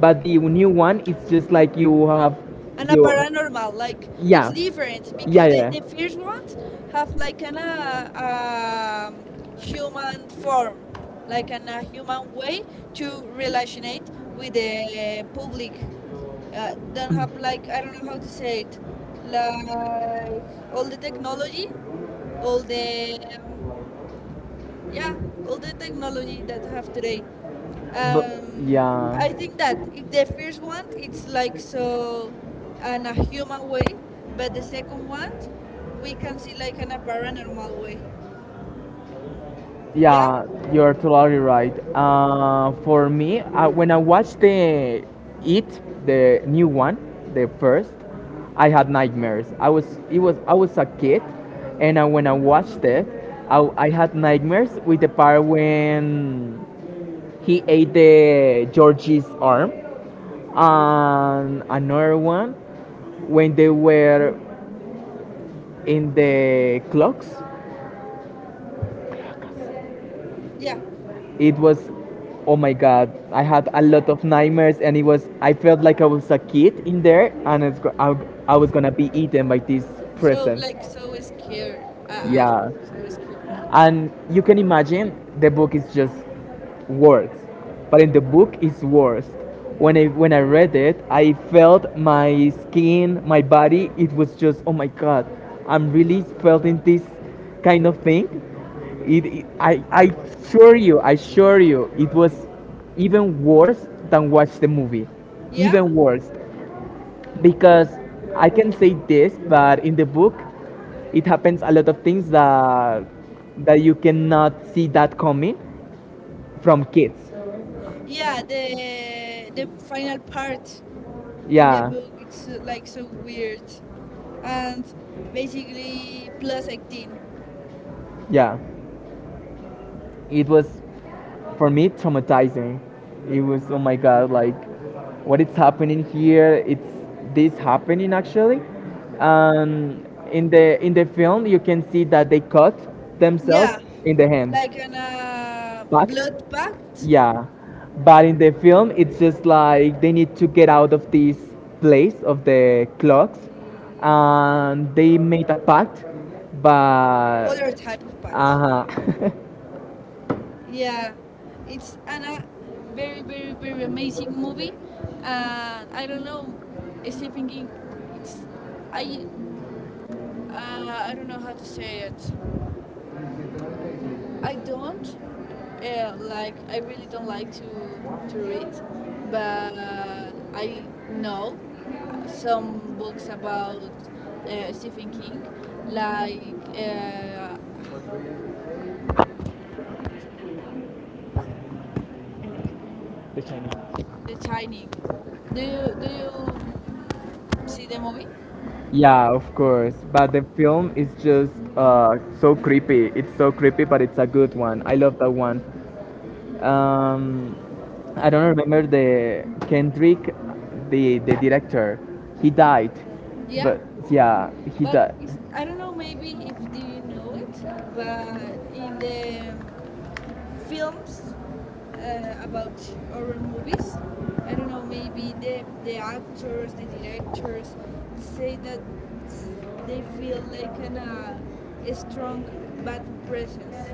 [SPEAKER 2] But the new one is just like you have
[SPEAKER 1] And a
[SPEAKER 2] your
[SPEAKER 1] paranormal, like, it's
[SPEAKER 2] yeah.
[SPEAKER 1] different
[SPEAKER 2] Yeah,
[SPEAKER 1] because the,
[SPEAKER 2] yeah.
[SPEAKER 1] the first ones have like an uh, um, human form, like an a human way to relationate with the uh, public, uh, don't have, like, I don't know how to say it, like, all the technology, all the um, yeah, all the technology that we have today. um, I think that, it, the first one it's like so
[SPEAKER 2] Yeah.
[SPEAKER 1] in a human way. But the second one we can see like in a paranormal way. Yeah
[SPEAKER 2] Yeah, you're totally right. Uh, for me, uh, when I watched the It, the new one, the first, I had nightmares. I was it was I was a kid, and uh, when I watched it, I, I had nightmares with the part when he ate the Georgie's arm, and another one when they were in the clocks.
[SPEAKER 1] yeah.
[SPEAKER 2] It was oh my god, I had a lot of nightmares, and it was I felt like I was a kid in there, and it's, go- I, I was gonna be eaten by this It
[SPEAKER 1] So,
[SPEAKER 2] present like
[SPEAKER 1] like, so scared. Uh,
[SPEAKER 2] Uh,
[SPEAKER 1] uh,
[SPEAKER 2] yeah,
[SPEAKER 1] so scared.
[SPEAKER 2] and you can imagine the book is just words. But in the book it's words, when i when I read it I felt my skin, my body, it was just oh my god, I'm really feeling this kind of thing. it, it- i i assure you, I assure you it was even worse than watch the movie,
[SPEAKER 1] Yeah,
[SPEAKER 2] even worse. Because I can say this, but in the book it happens a lot of things that that you cannot see that coming from kids.
[SPEAKER 1] yeah. The the final part in, yeah, the
[SPEAKER 2] Yeah,
[SPEAKER 1] book, it's uh, like so weird and basically plus eighteen.
[SPEAKER 2] yeah. It was for me traumatizing. It was oh my god, like what is happening here? It's this happening actually. Um, in the in the film, you can see that they cut themselves
[SPEAKER 1] Yeah,
[SPEAKER 2] in the hand,
[SPEAKER 1] like an uh,
[SPEAKER 2] but
[SPEAKER 1] blood pact.
[SPEAKER 2] yeah, but in the film, it's just like they need to get out of this place of the clocks, and they made a pact.
[SPEAKER 1] Other
[SPEAKER 2] But
[SPEAKER 1] type of
[SPEAKER 2] uh
[SPEAKER 1] pact.
[SPEAKER 2] huh,
[SPEAKER 1] Yeah, it's an, a very, very, very amazing movie. And I don't know, Stephen King, it's, I, uh, I don't know how to say it. I don't uh, like, I really don't like to, to read, but I know some books about uh, Stephen King, like, uh,
[SPEAKER 2] the Chinese.
[SPEAKER 1] The Shining. Do you do you see the movie?
[SPEAKER 2] Yeah, of course. But the film is just uh so creepy. It's so creepy, but it's a good one. I love that one. Um, I don't remember the Kendrick, the the director. He died,
[SPEAKER 1] Yeah,
[SPEAKER 2] but yeah, he
[SPEAKER 1] but
[SPEAKER 2] died.
[SPEAKER 1] it's, I don't know. Maybe if do you know it, but in the films uh, about horror movies, I don't know. Maybe the the actors, the directors say that s- they feel like an, uh, a strong bad presence.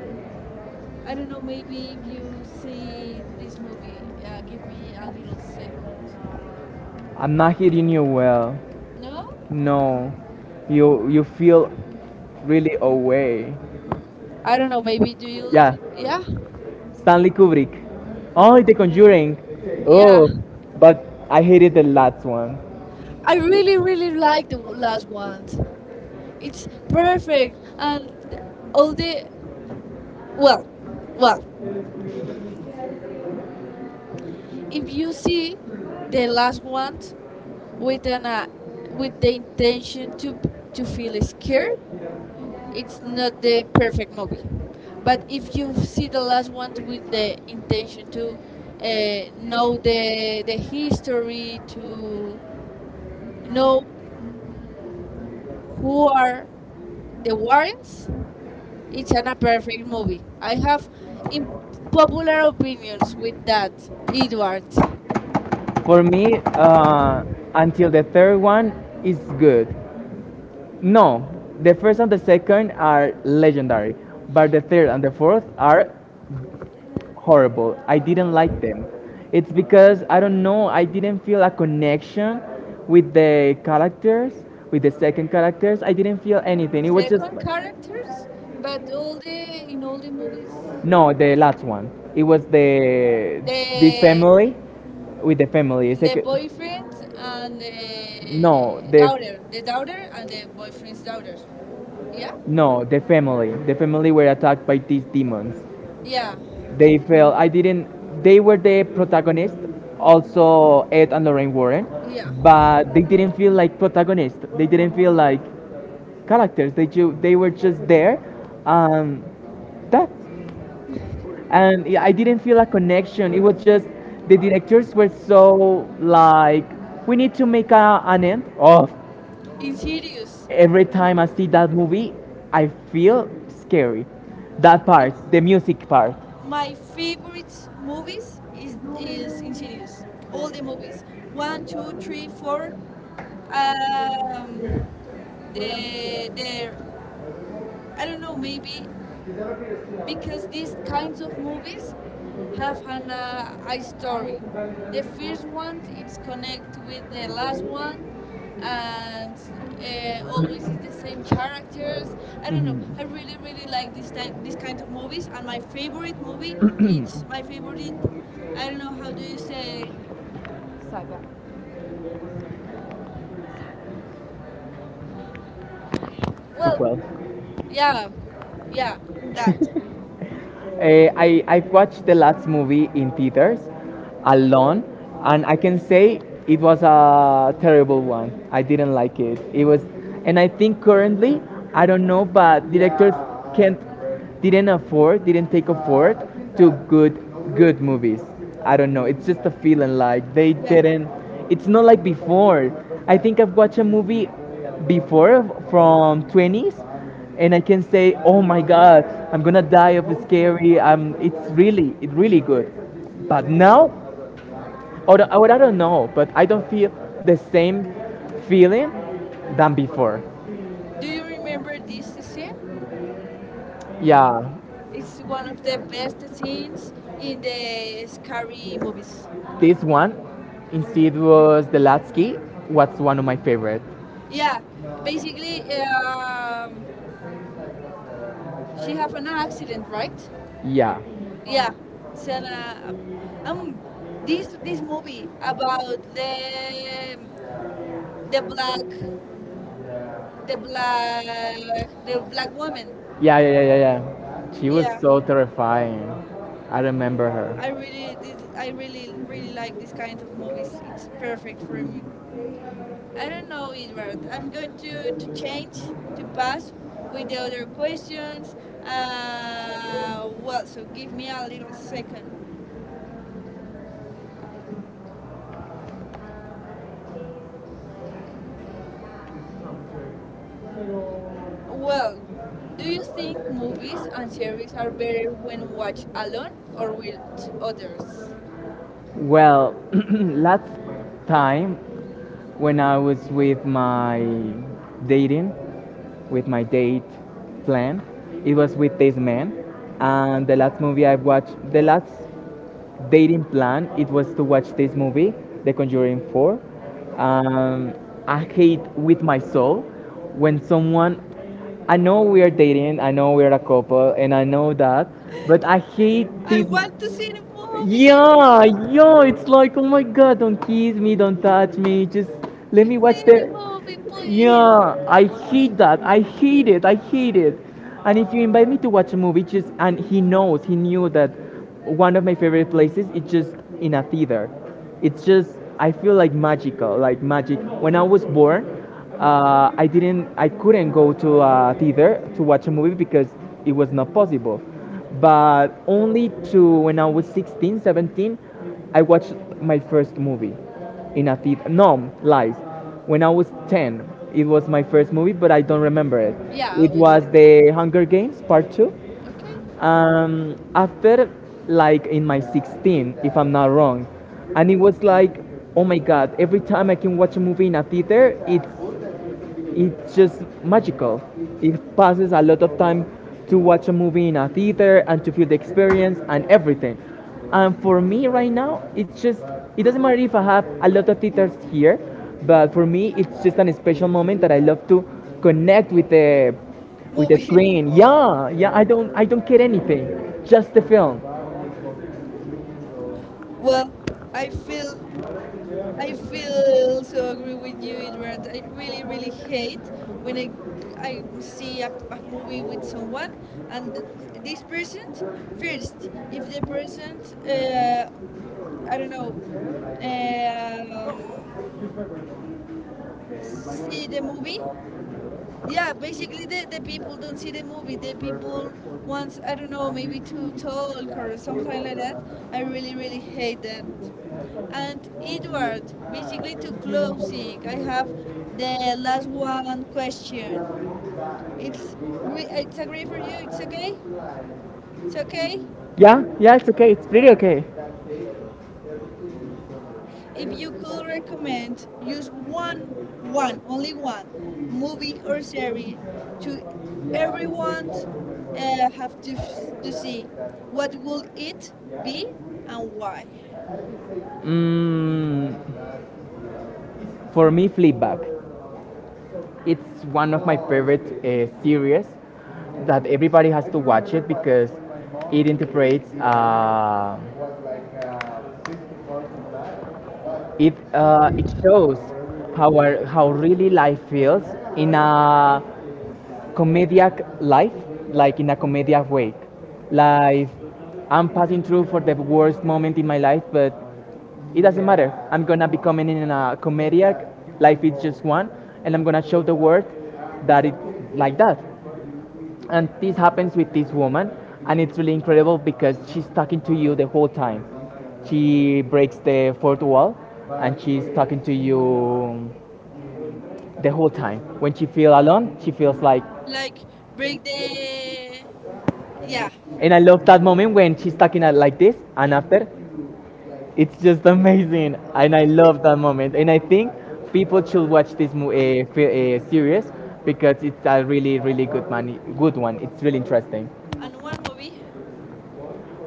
[SPEAKER 1] I don't know. Maybe if you see this movie, uh, give me a little second.
[SPEAKER 2] I'm not hearing you well.
[SPEAKER 1] No?
[SPEAKER 2] No, you you feel really away.
[SPEAKER 1] I don't know. Maybe do you
[SPEAKER 2] Yeah,
[SPEAKER 1] listen? Yeah,
[SPEAKER 2] Stanley Kubrick. Oh, The Conjuring.
[SPEAKER 1] yeah.
[SPEAKER 2] Oh, but I hated the last one.
[SPEAKER 1] I really, really like the w- last one. It's perfect, and all the, well, well. If you see the last one with an uh, with the intention to b- to feel scared, it's not the perfect movie. But if you see the last one with the intention to uh, know the the history, to know who are The Warrens, it's an a perfect movie. I have imp- popular opinions with that, Edward.
[SPEAKER 2] For me, uh, until the third one is good. No, the first and the second are legendary, but the third and the fourth are horrible. I didn't like them. It's because I don't know, I didn't feel a connection with the characters, with the second characters. I didn't feel anything. It was just
[SPEAKER 1] Second characters, but all the in all the movies,
[SPEAKER 2] no, the last one. It was the this
[SPEAKER 1] uh,
[SPEAKER 2] family with the family. It's
[SPEAKER 1] the
[SPEAKER 2] like
[SPEAKER 1] boyfriend and the
[SPEAKER 2] no,
[SPEAKER 1] daughter,
[SPEAKER 2] the
[SPEAKER 1] the daughter and the boyfriend's daughter. Yeah,
[SPEAKER 2] no, the family. The family were attacked by these demons.
[SPEAKER 1] yeah,
[SPEAKER 2] They fell. I didn't. They were the protagonists, also Ed and Lorraine Warren,
[SPEAKER 1] yeah.
[SPEAKER 2] but they didn't feel like protagonists. They didn't feel like characters. They ju- they were just there, and that's and yeah, I didn't feel a connection. It was just the directors were so like, we need to make a, an end of.
[SPEAKER 1] In serious.
[SPEAKER 2] Every time I see that movie, I feel scary. That part,
[SPEAKER 1] It's
[SPEAKER 2] the music part.
[SPEAKER 1] my favorite movies is is Insidious. All the movies. One, two, three, four. Um, the the I don't know. Maybe because these kinds of movies have an uh, I story. The first one it's connect with the last one, and uh, always is the same characters. I don't know. I really really like this type
[SPEAKER 2] Mhm.
[SPEAKER 1] this kind of movies, and
[SPEAKER 2] And
[SPEAKER 1] my
[SPEAKER 2] I feel
[SPEAKER 1] favorite movie it's my favorite. I don't know how do you say. Well,
[SPEAKER 2] well,
[SPEAKER 1] yeah, yeah, that.
[SPEAKER 2] Uh, I I've watched the last movie in theaters alone, and I can say it was a terrible one. I didn't like it. It was, and I think currently I don't know, but directors can't didn't afford didn't take afford to good good movies. I don't know. It's just a feeling like they
[SPEAKER 1] Yeah.
[SPEAKER 2] didn't. It's not like before. I think I've watched a movie before from twenties, and I can say, "Oh my God, I'm gonna die of scary." Um, it's really, it's really good. But now, or, or I don't know, but I don't feel the same feeling than before.
[SPEAKER 1] Do you remember this scene?
[SPEAKER 2] Yeah,
[SPEAKER 1] It's one of the best scenes in the scary movies.
[SPEAKER 2] this one, instead was the last was one of my favorite.
[SPEAKER 1] Yeah, basically, um she have an accident, right?
[SPEAKER 2] Yeah,
[SPEAKER 1] Yeah, it's an, uh, um, this this movie about the the black the black the black woman.
[SPEAKER 2] yeah, yeah, yeah, yeah, yeah. She was
[SPEAKER 1] Yeah,
[SPEAKER 2] so terrifying. I remember
[SPEAKER 1] I
[SPEAKER 2] her.
[SPEAKER 1] really did, I really really like this kind of movies. It's perfect for me. I don't know, Edward. I'm going to, to change to pass with the other questions. Uh, well, so give me a little second. Well, do you think movies and series are better when watched alone or with others?
[SPEAKER 2] Well, last time when I was with my dating, with my date plan. It was with this man. And the last movie I watched, the last dating plan, it was to watch this movie, The Conjuring four. Um, I hate with my soul when someone, I know we are dating, I know we are a couple, and I know that, but I hate
[SPEAKER 1] I
[SPEAKER 2] this.
[SPEAKER 1] want to see the movie. See
[SPEAKER 2] Yeah, yeah, it's like, oh my god, don't kiss me, don't touch me, just let me watch the.
[SPEAKER 1] the movie, please.
[SPEAKER 2] Yeah, I hate that. I hate it. I hate it. And if you invite me to watch a movie, just and he knows, he knew that one of my favorite places is just in a theater. It's just I feel like magical, like magic. When I was born, uh, I didn't, I couldn't go to a theater to watch a movie because it was not possible. But only to when I was sixteen, seventeen, I watched my first movie in a theater. No, lies. When I was ten, it was my first movie, but I don't remember it.
[SPEAKER 1] Yeah,
[SPEAKER 2] It was
[SPEAKER 1] obviously.
[SPEAKER 2] The Hunger Games Part two.
[SPEAKER 1] Okay,
[SPEAKER 2] Um, after, like, in my sixteen, if I'm not wrong. And it was like, oh my god, every time I can watch a movie in a theater, it's it's just magical. It passes a lot of time to watch a movie in a theater and to feel the experience and everything. And for me right now, it's just it doesn't matter if I have a lot of theaters here, but for me it's just an special moment that I love to connect with the with the
[SPEAKER 1] movie.
[SPEAKER 2] screen. Yeah, yeah, I don't I don't care anything. Just the film.
[SPEAKER 1] Well, I feel I feel so agree with you, Edward. I really really hate when I I see a, a movie with someone and th- this person first, if the person uh, I don't know, um, see the movie. Yeah, basically the, the people don't see the movie. The people wants I don't know maybe to talk or something like that. I really really hate that. And Edward, basically to closing, I have the last one question. It's gre- it's agree for you. It's okay. It's okay.
[SPEAKER 2] Yeah, yeah, it's okay. It's pretty okay.
[SPEAKER 1] If you could recommend use one, one, only one movie or series to everyone uh, have to f- to see, what would it be and why?
[SPEAKER 2] Mm, for me, Fleabag. It's one of my favorite uh, series that everybody has to watch it, because it interprets uh, it uh, it shows how our, how really life feels in a comedic life, like in a comedic way. Like I'm passing through for the worst moment in my life, but it doesn't matter. I'm gonna be coming in a comedic. Life is just one, and I'm gonna show the world that it's like that. And this happens with this woman, and it's really incredible because she's talking to you the whole time. She breaks the fourth wall and she's talking to you the whole time. When she feels alone, she feels like,
[SPEAKER 1] Like, break the. Yeah,
[SPEAKER 2] and I love that moment when she's talking at like this, and after it's just amazing. And I love that moment, and I think people should watch this mo- uh, fi- uh, series because it's a really really good, man, good one. It's really interesting.
[SPEAKER 1] and one movie.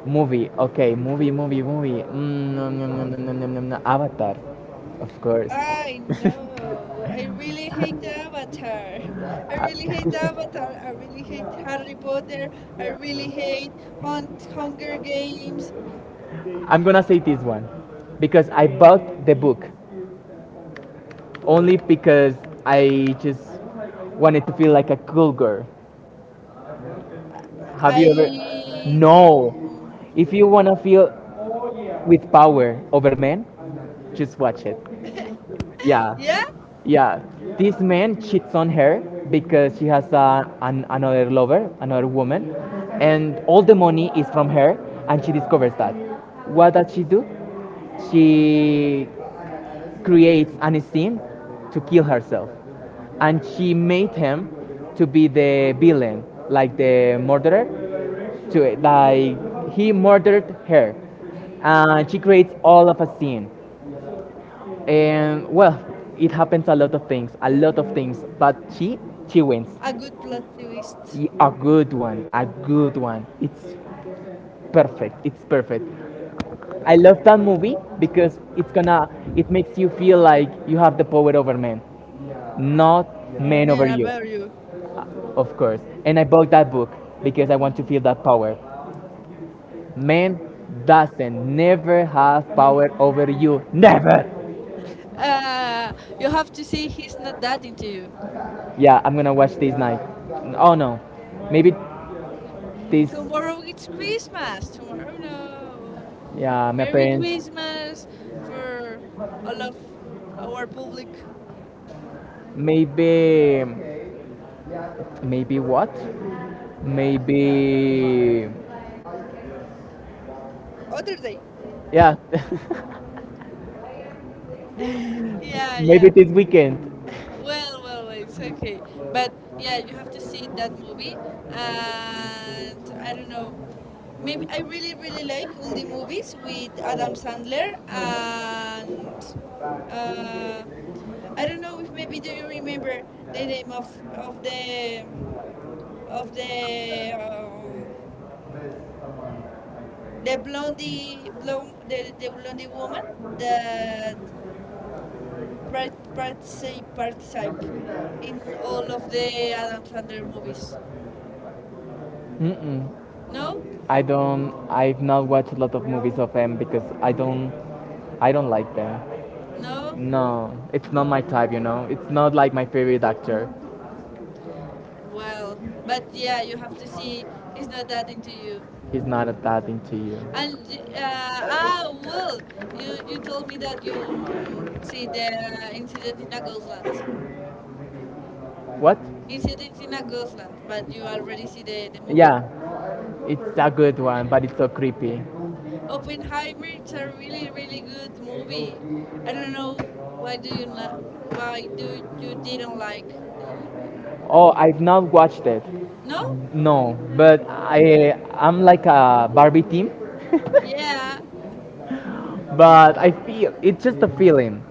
[SPEAKER 2] Movie, okay, movie, movie, movie. Mm, no, no, no, no, no, no, no, no. Avatar, of course.
[SPEAKER 1] I know. I really hate Avatar. I really hate Avatar. I really hate Harry Potter. I really hate Hun- Hunger Games.
[SPEAKER 2] I'm gonna say this one because I bought the book only because I just wanted to feel like a cool girl. Have you
[SPEAKER 1] I
[SPEAKER 2] ever?
[SPEAKER 1] don't.
[SPEAKER 2] No. If you wanna feel with power over men, just watch it. Yeah.
[SPEAKER 1] Yeah,
[SPEAKER 2] Yeah, this man cheats on her because she has a, an, another lover, another woman, and all the money is from her, and she discovers that. What does she do? She creates an scene to kill herself, and she made him to be the villain, like the murderer. To like he murdered her, and she creates all of a scene, and well, it happens a lot of things, a lot of things. But she, she wins.
[SPEAKER 1] a good plot twist.
[SPEAKER 2] A good one, a good one. It's perfect. It's perfect. I love that movie because it's gonna, it makes you feel like you have the power over men, not men over
[SPEAKER 1] Yeah,
[SPEAKER 2] you,
[SPEAKER 1] about you.
[SPEAKER 2] of course. And I bought that book because I want to feel that power. Man doesn't never have power over you. Never.
[SPEAKER 1] Uh, you have to see He's Not That Into You.
[SPEAKER 2] Yeah, I'm gonna watch this night. Oh no, maybe this.
[SPEAKER 1] Tomorrow it's Christmas. Tomorrow, no.
[SPEAKER 2] Yeah, my
[SPEAKER 1] Merry
[SPEAKER 2] parents.
[SPEAKER 1] Christmas for all of our public.
[SPEAKER 2] Maybe, maybe what? Maybe
[SPEAKER 1] Other day.
[SPEAKER 2] yeah.
[SPEAKER 1] Yeah, yeah.
[SPEAKER 2] Maybe this weekend.
[SPEAKER 1] Well, well, well, it's okay. But yeah, you have to see that movie. And I don't know. Maybe I really, really like all the movies with Adam Sandler. And uh, I don't know if maybe do you remember the name of of the of the um, the blondie blonde, the, the blondie woman that part participe participe in all of the Adam Sandler movies.
[SPEAKER 2] Mm-mm.
[SPEAKER 1] No?
[SPEAKER 2] I don't I've not watched a lot of movies of them because I don't I don't like them.
[SPEAKER 1] No?
[SPEAKER 2] No, it's not my type, you know. It's not like my favorite actor.
[SPEAKER 1] Well, but yeah, you have to see He's Not That Into You.
[SPEAKER 2] He's not that into you.
[SPEAKER 1] And uh, ah, well, you you told me that you see the Incident in a Ghostland.
[SPEAKER 2] What?
[SPEAKER 1] Incident in a Ghostland, but you already see the the movie.
[SPEAKER 2] Yeah, it's a good one, but it's so creepy.
[SPEAKER 1] Oppenheimer is a really really good movie. I don't know why do you not why do you didn't like the.
[SPEAKER 2] Oh, I've not watched it.
[SPEAKER 1] No?
[SPEAKER 2] No, but I I'm like a Barbie team,
[SPEAKER 1] Yeah.
[SPEAKER 2] but I feel it's just a feeling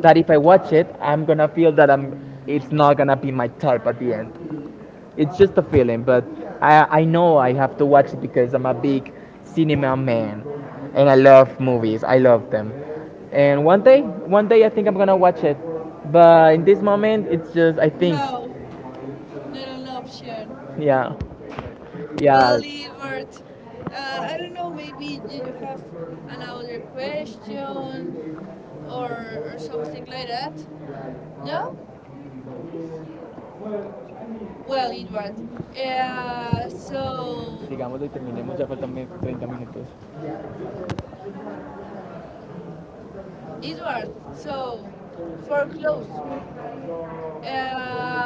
[SPEAKER 2] that if I watch it, I'm gonna feel that I'm it's not gonna be my type at the end. It's just a feeling, but I I know I have to watch it because I'm a big cinema man, and I love movies. I love them, and one day one day I think I'm gonna watch it, but in this moment it's just I think.
[SPEAKER 1] No. No, no, no option.
[SPEAKER 2] Ya,
[SPEAKER 1] Well,
[SPEAKER 2] ya.
[SPEAKER 1] Evert, uh, I don't know, maybe you have another question or, or something like that? No? Well, Edward, uh, so,
[SPEAKER 2] Digámoslo y terminemos, ya faltan me- treinta minutos.
[SPEAKER 1] Edward, so, for close, um,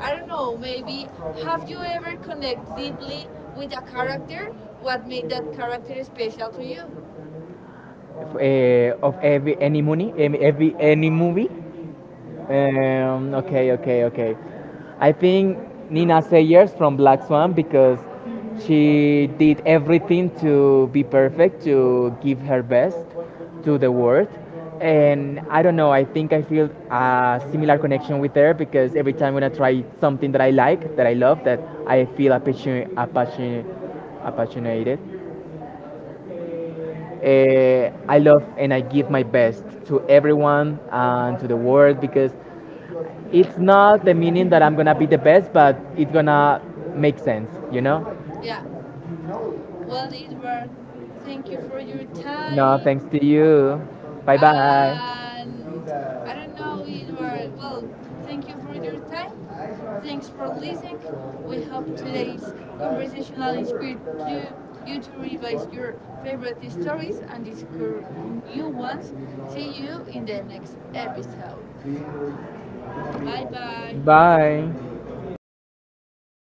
[SPEAKER 1] I don't know, maybe have you ever connected deeply with a character? What made that character special to you?
[SPEAKER 2] F- eh, of every, any money, em- every, any movie. Um, okay, okay, okay. I think Nina Sayers from Black Swan because she did everything to be perfect, to give her best to the world. And I don't know, I think I feel a similar connection with her because every time when I try something that I like, that I love, that I feel apassion, apassion, apassionated. Uh, I love and I give my best to everyone and to the world because it's not the meaning that I'm gonna be the best, but it's gonna make sense, you know?
[SPEAKER 1] Yeah. Well, Edward, thank you for your
[SPEAKER 2] No,
[SPEAKER 1] time.
[SPEAKER 2] thanks to you. Bye bye.
[SPEAKER 1] And I don't know, it were, well, thank you for your time. Thanks for listening. We hope today's conversational inspired you, you to revise your favorite stories and discover new ones. See you in the next episode.
[SPEAKER 2] Bye
[SPEAKER 1] Bye bye.
[SPEAKER 2] bye. Bye.